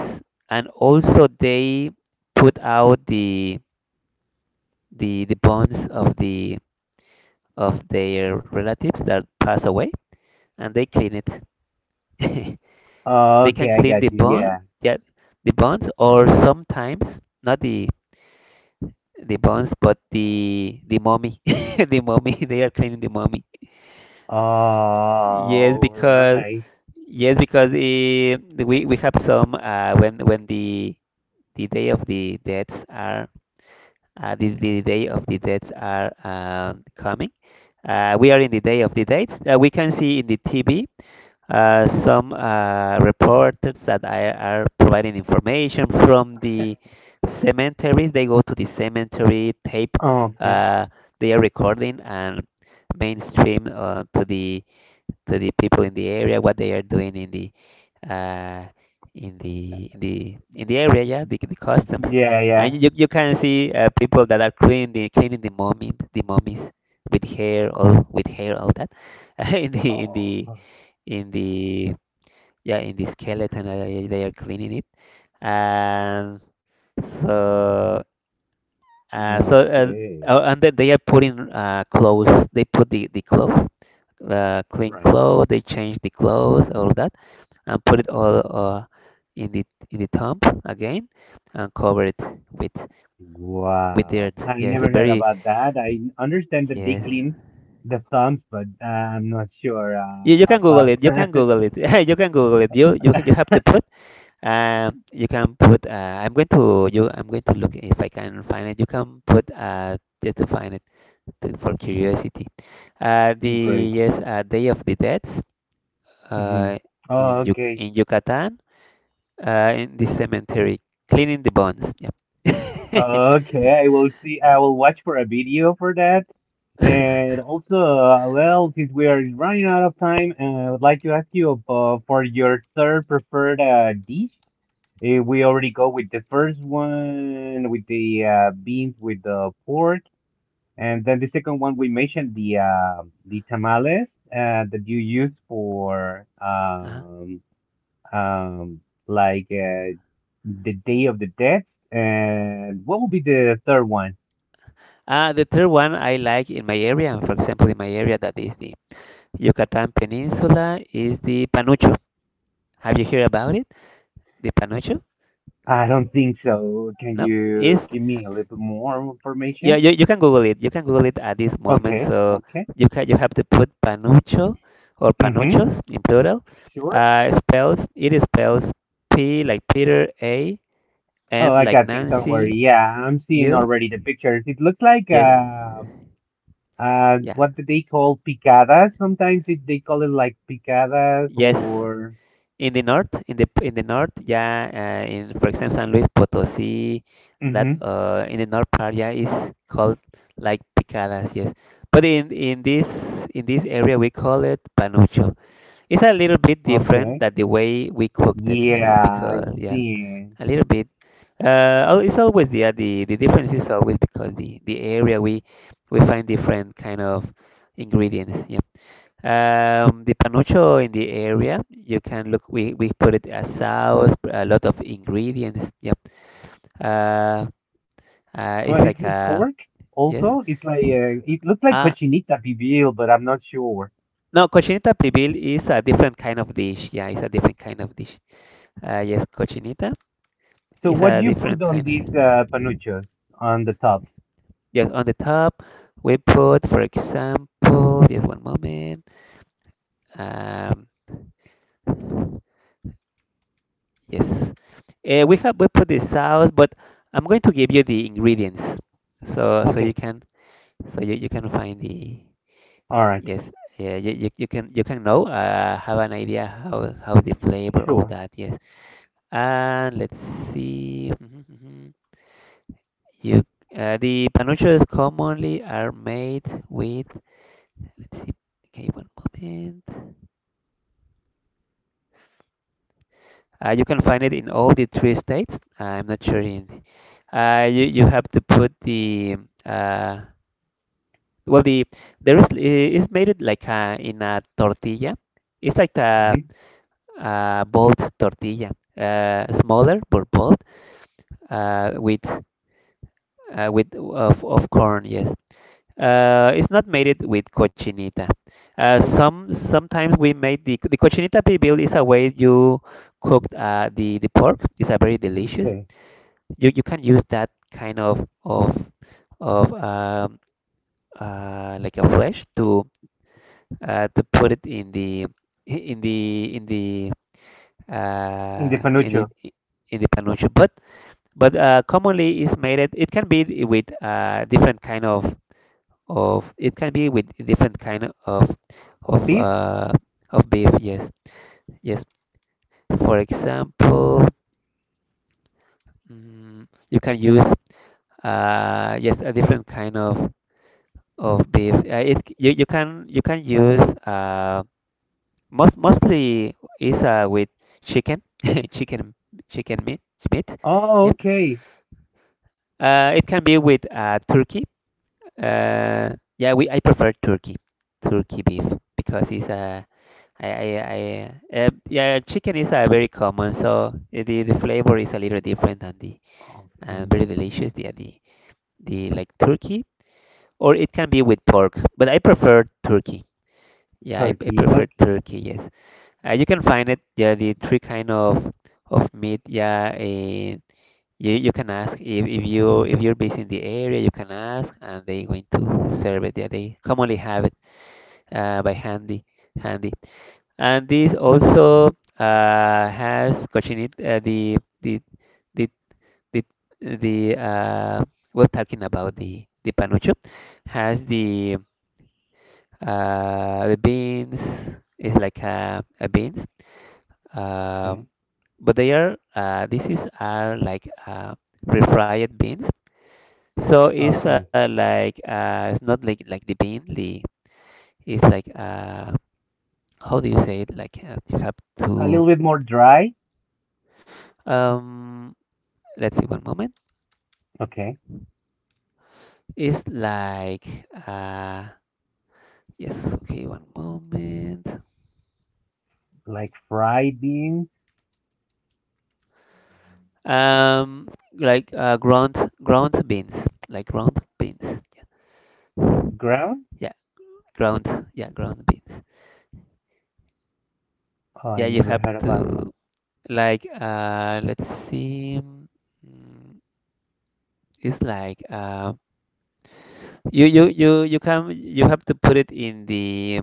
[SPEAKER 2] and also they put out the bones of the of their relatives that pass away, and they clean it. They can
[SPEAKER 1] Okay, I
[SPEAKER 2] clean the
[SPEAKER 1] got you.
[SPEAKER 2] bone,
[SPEAKER 1] Yeah.
[SPEAKER 2] yeah, the bones, or sometimes not the bones, but the mummy, the mummy. They are cleaning the mummy. Yes,
[SPEAKER 1] All
[SPEAKER 2] because
[SPEAKER 1] right.
[SPEAKER 2] yes, because we have some when the day of the deaths are. The day of the dates are coming. We are in the day of the dates. We can see in the TV, some reporters that are providing information from the cemeteries. They go to the cemetery tape.
[SPEAKER 1] Okay.
[SPEAKER 2] Uh, they are recording and mainstream to the, to the people in the area what they are doing in the, uh, in the area, yeah, the customs.
[SPEAKER 1] Yeah, yeah.
[SPEAKER 2] And you can see people that are cleaning the, cleaning the mummy, the mummies with hair all that in the in the
[SPEAKER 1] Oh.
[SPEAKER 2] in the, yeah, in the skeleton, they are cleaning it. And so uh, so uh,
[SPEAKER 1] Okay.
[SPEAKER 2] oh, and then they are putting clothes, they put the clothes, clean
[SPEAKER 1] Right.
[SPEAKER 2] clothes, they change the clothes all that, and put it all in the, in the tomb again, and cover it with with
[SPEAKER 1] Wow.
[SPEAKER 2] dirt.
[SPEAKER 1] I
[SPEAKER 2] Yes, a
[SPEAKER 1] never heard
[SPEAKER 2] very
[SPEAKER 1] about that. I understand that they
[SPEAKER 2] yes.
[SPEAKER 1] clean the thumbs, but I'm not sure
[SPEAKER 2] You can Google
[SPEAKER 1] about
[SPEAKER 2] it. You can
[SPEAKER 1] that.
[SPEAKER 2] Google it. You can Google it. You have to put, you can put I'm going to, you, I'm going to look if I can find it. You can put just to find it, to, for curiosity. The
[SPEAKER 1] Great.
[SPEAKER 2] yes Day of the Dead
[SPEAKER 1] Hmm.
[SPEAKER 2] uh in Yuc,
[SPEAKER 1] Okay.
[SPEAKER 2] in Yucatan, in the cemetery, cleaning the bones. Yep.
[SPEAKER 1] Okay, I will see. I will watch for a video for that. And also, well, since we are running out of time, I would like to ask you about for your third preferred dish. If we already go with the first one with the beans with the pork, and then the second one we mentioned the the tamales that you use for
[SPEAKER 2] Uh-huh.
[SPEAKER 1] um, like the Day of the Dead, and what will be the third one?
[SPEAKER 2] The third one I like in my area, for example, in my area that is the Yucatan Peninsula, is the panucho. Have you heard about it? The panucho?
[SPEAKER 1] I don't think so. Can
[SPEAKER 2] No? Is,
[SPEAKER 1] you give me a little more
[SPEAKER 2] yeah,
[SPEAKER 1] information?
[SPEAKER 2] you can Google it. You can Google it at this moment.
[SPEAKER 1] Okay,
[SPEAKER 2] So
[SPEAKER 1] okay.
[SPEAKER 2] you can, you have to put panucho or
[SPEAKER 1] Mm-hmm.
[SPEAKER 2] panuchos in plural.
[SPEAKER 1] Sure.
[SPEAKER 2] Spells P like Peter, A,
[SPEAKER 1] Oh,
[SPEAKER 2] N
[SPEAKER 1] I
[SPEAKER 2] like
[SPEAKER 1] got this. Don't
[SPEAKER 2] Nancy,
[SPEAKER 1] worry. Yeah, I'm seeing
[SPEAKER 2] U.
[SPEAKER 1] already the pictures. It looks like
[SPEAKER 2] Yes, yeah,
[SPEAKER 1] what do they call picadas? Sometimes they call it like picadas
[SPEAKER 2] yes.
[SPEAKER 1] or.
[SPEAKER 2] In the north, in the north, yeah, in for example San Luis Potosí, that
[SPEAKER 1] Mm-hmm.
[SPEAKER 2] in the north part, yeah, is called like picadas, yes. But in this area, we call it panucho. It's a little bit different
[SPEAKER 1] Okay.
[SPEAKER 2] that the way we cooked it, yes,
[SPEAKER 1] Yeah, I've
[SPEAKER 2] because, yeah,
[SPEAKER 1] seen.
[SPEAKER 2] a little bit. It's always the difference is always because the area we find different kind of ingredients, yeah. The panucho in the area, you can look. We put it as sauce, a lot of ingredients. Yep. Uh, it's
[SPEAKER 1] But
[SPEAKER 2] like
[SPEAKER 1] it's with
[SPEAKER 2] a
[SPEAKER 1] pork
[SPEAKER 2] Yes.
[SPEAKER 1] also. It's like it looks like
[SPEAKER 2] Uh,
[SPEAKER 1] cochinita pibil, but I'm not sure.
[SPEAKER 2] no, cochinita pibil is a different kind of dish. Yeah, it's a different kind of dish. Yes, cochinita
[SPEAKER 1] So
[SPEAKER 2] is
[SPEAKER 1] what do
[SPEAKER 2] a
[SPEAKER 1] you put
[SPEAKER 2] different
[SPEAKER 1] on
[SPEAKER 2] kind
[SPEAKER 1] these
[SPEAKER 2] of.
[SPEAKER 1] panuchos on the top?
[SPEAKER 2] Yes, on the top we put, for example, just one moment. Um, Yes. We have, we put the sauce, but I'm going to give you the ingredients so, so you
[SPEAKER 1] Okay,
[SPEAKER 2] can, so you can find the,
[SPEAKER 1] all right,
[SPEAKER 2] yes, yeah, you can, you can know have an idea how the flavor of
[SPEAKER 1] sure.
[SPEAKER 2] that, yes. And let's see. Mhm, mhm. You, the panuchos commonly are made with, let's see, okay, one moment. You can find it in all the three states. I'm not sure in. You, you have to put the uh, well the, there is, it's made it like in a tortilla. It's like
[SPEAKER 1] Mm-hmm.
[SPEAKER 2] a bold tortilla, smaller but bold, uh, with with of corn. Yes, it's not made it with cochinita. Sometimes we made the cochinita pibil is a way you cooked the pork. It's a very delicious.
[SPEAKER 1] Okay,
[SPEAKER 2] You can use that kind of, of um, like a flesh to put it in the, in the in the
[SPEAKER 1] in the
[SPEAKER 2] in the,
[SPEAKER 1] panucho
[SPEAKER 2] in the panucho. But commonly is made it, it can be with different kind of, it can be with different kind of, of
[SPEAKER 1] of beef.
[SPEAKER 2] uh, of beef. Yes, yes. For example, mm, you can use yes a different kind of beef. It, you can, you can use most, mostly is with chicken, chicken chicken meat, meat.
[SPEAKER 1] Oh,
[SPEAKER 2] Yep.
[SPEAKER 1] okay.
[SPEAKER 2] It can be with turkey. Uh, yeah, we, I prefer turkey, turkey beef, because it's I yeah chicken is very common, so the flavor is a little
[SPEAKER 1] O-
[SPEAKER 2] different than the, and very
[SPEAKER 1] Okay,
[SPEAKER 2] delicious the like turkey, or it can be with pork, but I prefer turkey. Yeah, I
[SPEAKER 1] turkey.
[SPEAKER 2] prefer
[SPEAKER 1] Okay,
[SPEAKER 2] turkey. Yes, you can find it. Yeah, the three kind of meat. Yeah, and you can ask if you, if you're based in the area, you can ask, and they going to serve it. Yeah, they commonly have it by handy, handy. And this also has cochinita. The the the We're talking about the panucho has the beans. It's like a beans. Um,
[SPEAKER 1] okay,
[SPEAKER 2] but they are this is are like refried beans. So it's
[SPEAKER 1] okay.
[SPEAKER 2] like it's not like, like the bean. The, it's like how do you say it? Like you have
[SPEAKER 1] A
[SPEAKER 2] to
[SPEAKER 1] little bit more dry.
[SPEAKER 2] um. Let's see one moment.
[SPEAKER 1] Okay,
[SPEAKER 2] It's like uh yes okay one moment.
[SPEAKER 1] like fried beans,
[SPEAKER 2] Um, like ground, ground beans, like ground beans. Yeah,
[SPEAKER 1] ground.
[SPEAKER 2] yeah, ground, yeah, ground beans.
[SPEAKER 1] Oh,
[SPEAKER 2] Yeah,
[SPEAKER 1] I
[SPEAKER 2] you
[SPEAKER 1] never
[SPEAKER 2] have
[SPEAKER 1] heard about that.
[SPEAKER 2] to. Like let's see. Mm, it's like you you you you can, you have to put it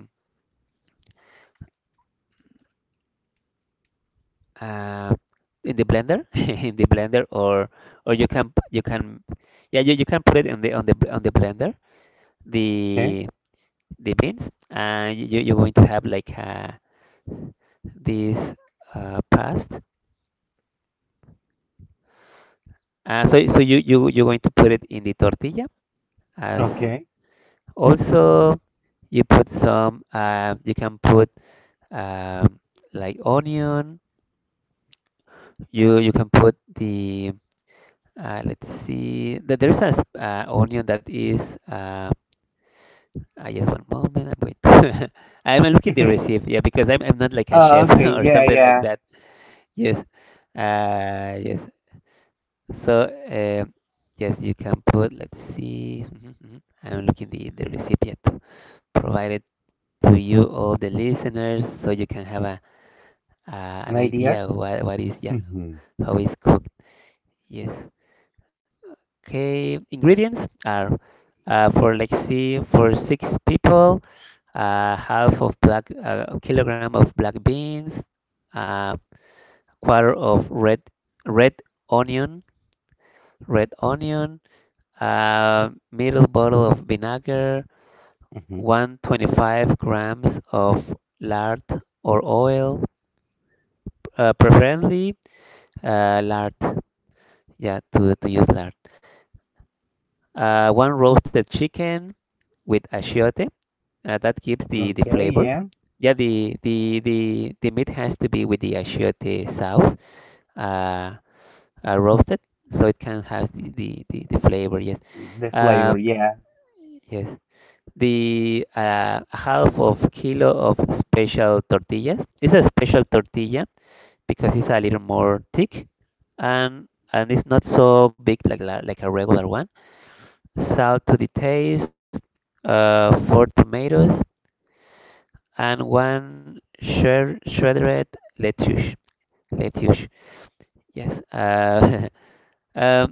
[SPEAKER 2] uh, in the blender. In the blender, or you can you can, yeah, you can put it in the, on the on the blender,
[SPEAKER 1] Okay,
[SPEAKER 2] the the beans, and you, you're going to have like this past, so, so you, you're going to put it in the tortilla as,
[SPEAKER 1] okay.
[SPEAKER 2] also you put some you can put um, like onion. You can put the let's see. There's a onion that is. Uh, I, just one moment. I'm wait. I'm looking the recipe. Yeah, because I'm not like a
[SPEAKER 1] Oh,
[SPEAKER 2] chef,
[SPEAKER 1] okay,
[SPEAKER 2] or
[SPEAKER 1] yeah,
[SPEAKER 2] something like
[SPEAKER 1] yeah.
[SPEAKER 2] that. Yes. Yes. So yes, you can put. Let's see. Mhm, mhm. I'm looking the recipe, recipient, provided to you, all the listeners, so you can have a
[SPEAKER 1] An
[SPEAKER 2] an
[SPEAKER 1] idea?
[SPEAKER 2] idea of what is, yeah,
[SPEAKER 1] Mhm,
[SPEAKER 2] how it's cooked. Yes. Okay, ingredients are for like, see, for six people, half of black, a kilogram of black beans, uh, quarter of red, red onion, red onion, middle bottle of vinegar,
[SPEAKER 1] mhm.
[SPEAKER 2] 125 grams of lard or oil, preferably lard. Yeah, to use lard. One roasted chicken with achiote. That gives the
[SPEAKER 1] Okay,
[SPEAKER 2] flavor.
[SPEAKER 1] yeah.
[SPEAKER 2] Yeah, the meat has to be with the achiote sauce, uh, roasted, so it can have the flavor. Yes.
[SPEAKER 1] The flavor,
[SPEAKER 2] Um,
[SPEAKER 1] yeah.
[SPEAKER 2] yes. The half of kilo of special tortillas. It's a special tortilla because it's a little more thick, and it's not so big like like a regular one. Salt to the taste. Four tomatoes and one shredded lettuce. Lettuce, yes. Um,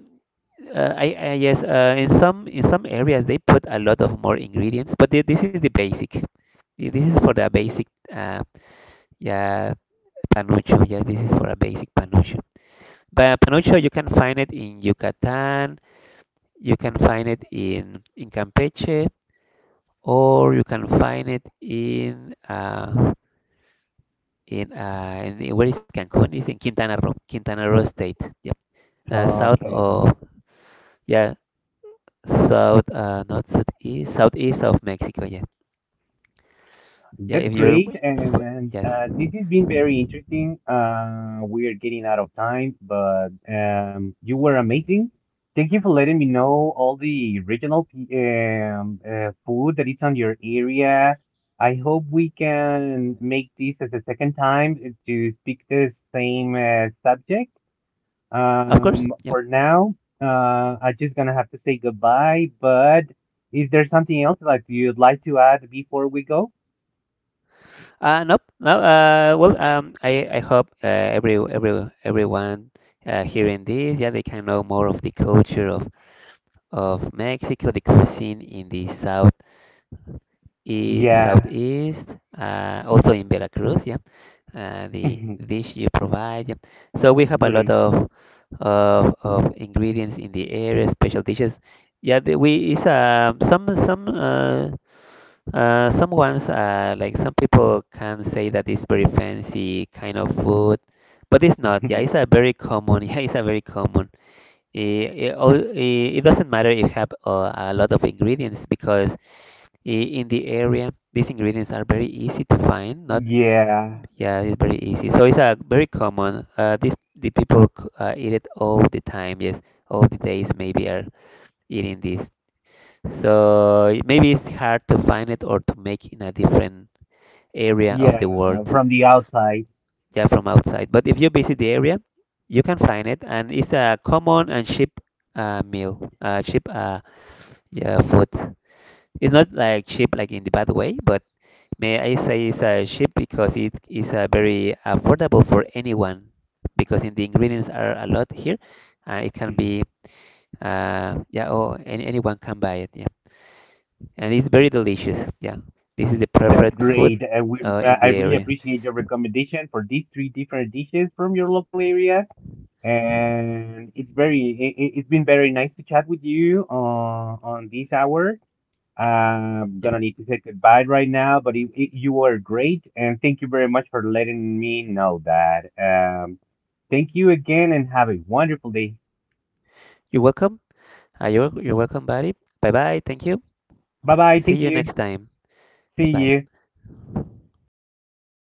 [SPEAKER 2] I yes. In some, in some areas they put a lot of more ingredients, but this is the basic. This is for the basic. Uh, yeah, panucho. Yeah, this is for a basic panucho. But panucho you can find it in Yucatan. You can find it in Campeche, or you can find it in in the- where is Cancun? It's in Quintana Roo, Quintana Roo State. Yep, south
[SPEAKER 1] Okay.
[SPEAKER 2] of, yeah, south not southeast, southeast of Mexico. Yeah, yeah.
[SPEAKER 1] That's
[SPEAKER 2] If you're
[SPEAKER 1] great. And
[SPEAKER 2] yes,
[SPEAKER 1] this has been very interesting. We're getting out of time, but you were amazing. Thank you for letting me know all the regional food that is on your area. I hope we can make this as a second time to speak the same subject.
[SPEAKER 2] of course. Yeah.
[SPEAKER 1] For now, uh, I'm just gonna have to say goodbye, but is there something else like you'd like to add before we go?
[SPEAKER 2] Nope. No. Well, I hope everyone hearing this, yeah, they can know more of the culture of Mexico, the cuisine in the south. E
[SPEAKER 1] Yeah.
[SPEAKER 2] southeast, also in Veracruz, yeah, the dish you provide. Yep. So we have a lot
[SPEAKER 1] Great.
[SPEAKER 2] of, of ingredients in the area, special dishes. Yeah, the, we is some ones like some people can say that it's very fancy kind of food, but it's not. Yeah, it's a very common. Yeah, it's a very common. It, all, it doesn't matter if you have a lot of ingredients because in the area these ingredients are very easy to find, not,
[SPEAKER 1] Yeah.
[SPEAKER 2] yeah, it's very easy. So it's a very common. This the people eat it all the time. Yes, all the days maybe are eating this. So maybe it's hard to find it or to make in a different area of
[SPEAKER 1] Yeah,
[SPEAKER 2] the world,
[SPEAKER 1] from the outside.
[SPEAKER 2] yeah, from outside. But if you visit the area, you can find it, and it's a common and cheap meal, cheap yeah, food. It's not like cheap like in the bad way, but may I say it's a cheap because it is a very affordable for anyone because in the ingredients are a lot here. It can
[SPEAKER 1] Mhm.
[SPEAKER 2] be yeah, oh, any, anyone can buy it. Yeah, and it's very delicious. Yeah, this is the
[SPEAKER 1] That's
[SPEAKER 2] preferred food
[SPEAKER 1] great. We
[SPEAKER 2] in
[SPEAKER 1] I
[SPEAKER 2] the
[SPEAKER 1] really
[SPEAKER 2] area.
[SPEAKER 1] appreciate your recommendation for these three different dishes from your local area. And it's very it's been very nice to chat with you on this hour. I'm
[SPEAKER 2] Yeah,
[SPEAKER 1] gonna need to say goodbye right now, but you were great, and thank you very much for letting me know that. Thank you again, and have a wonderful day.
[SPEAKER 2] you're welcome. You're welcome, buddy. Bye bye. Thank you.
[SPEAKER 1] Bye bye.
[SPEAKER 2] See
[SPEAKER 1] Thank
[SPEAKER 2] you
[SPEAKER 1] you.
[SPEAKER 2] next time.
[SPEAKER 1] See
[SPEAKER 2] Bye.
[SPEAKER 1] you.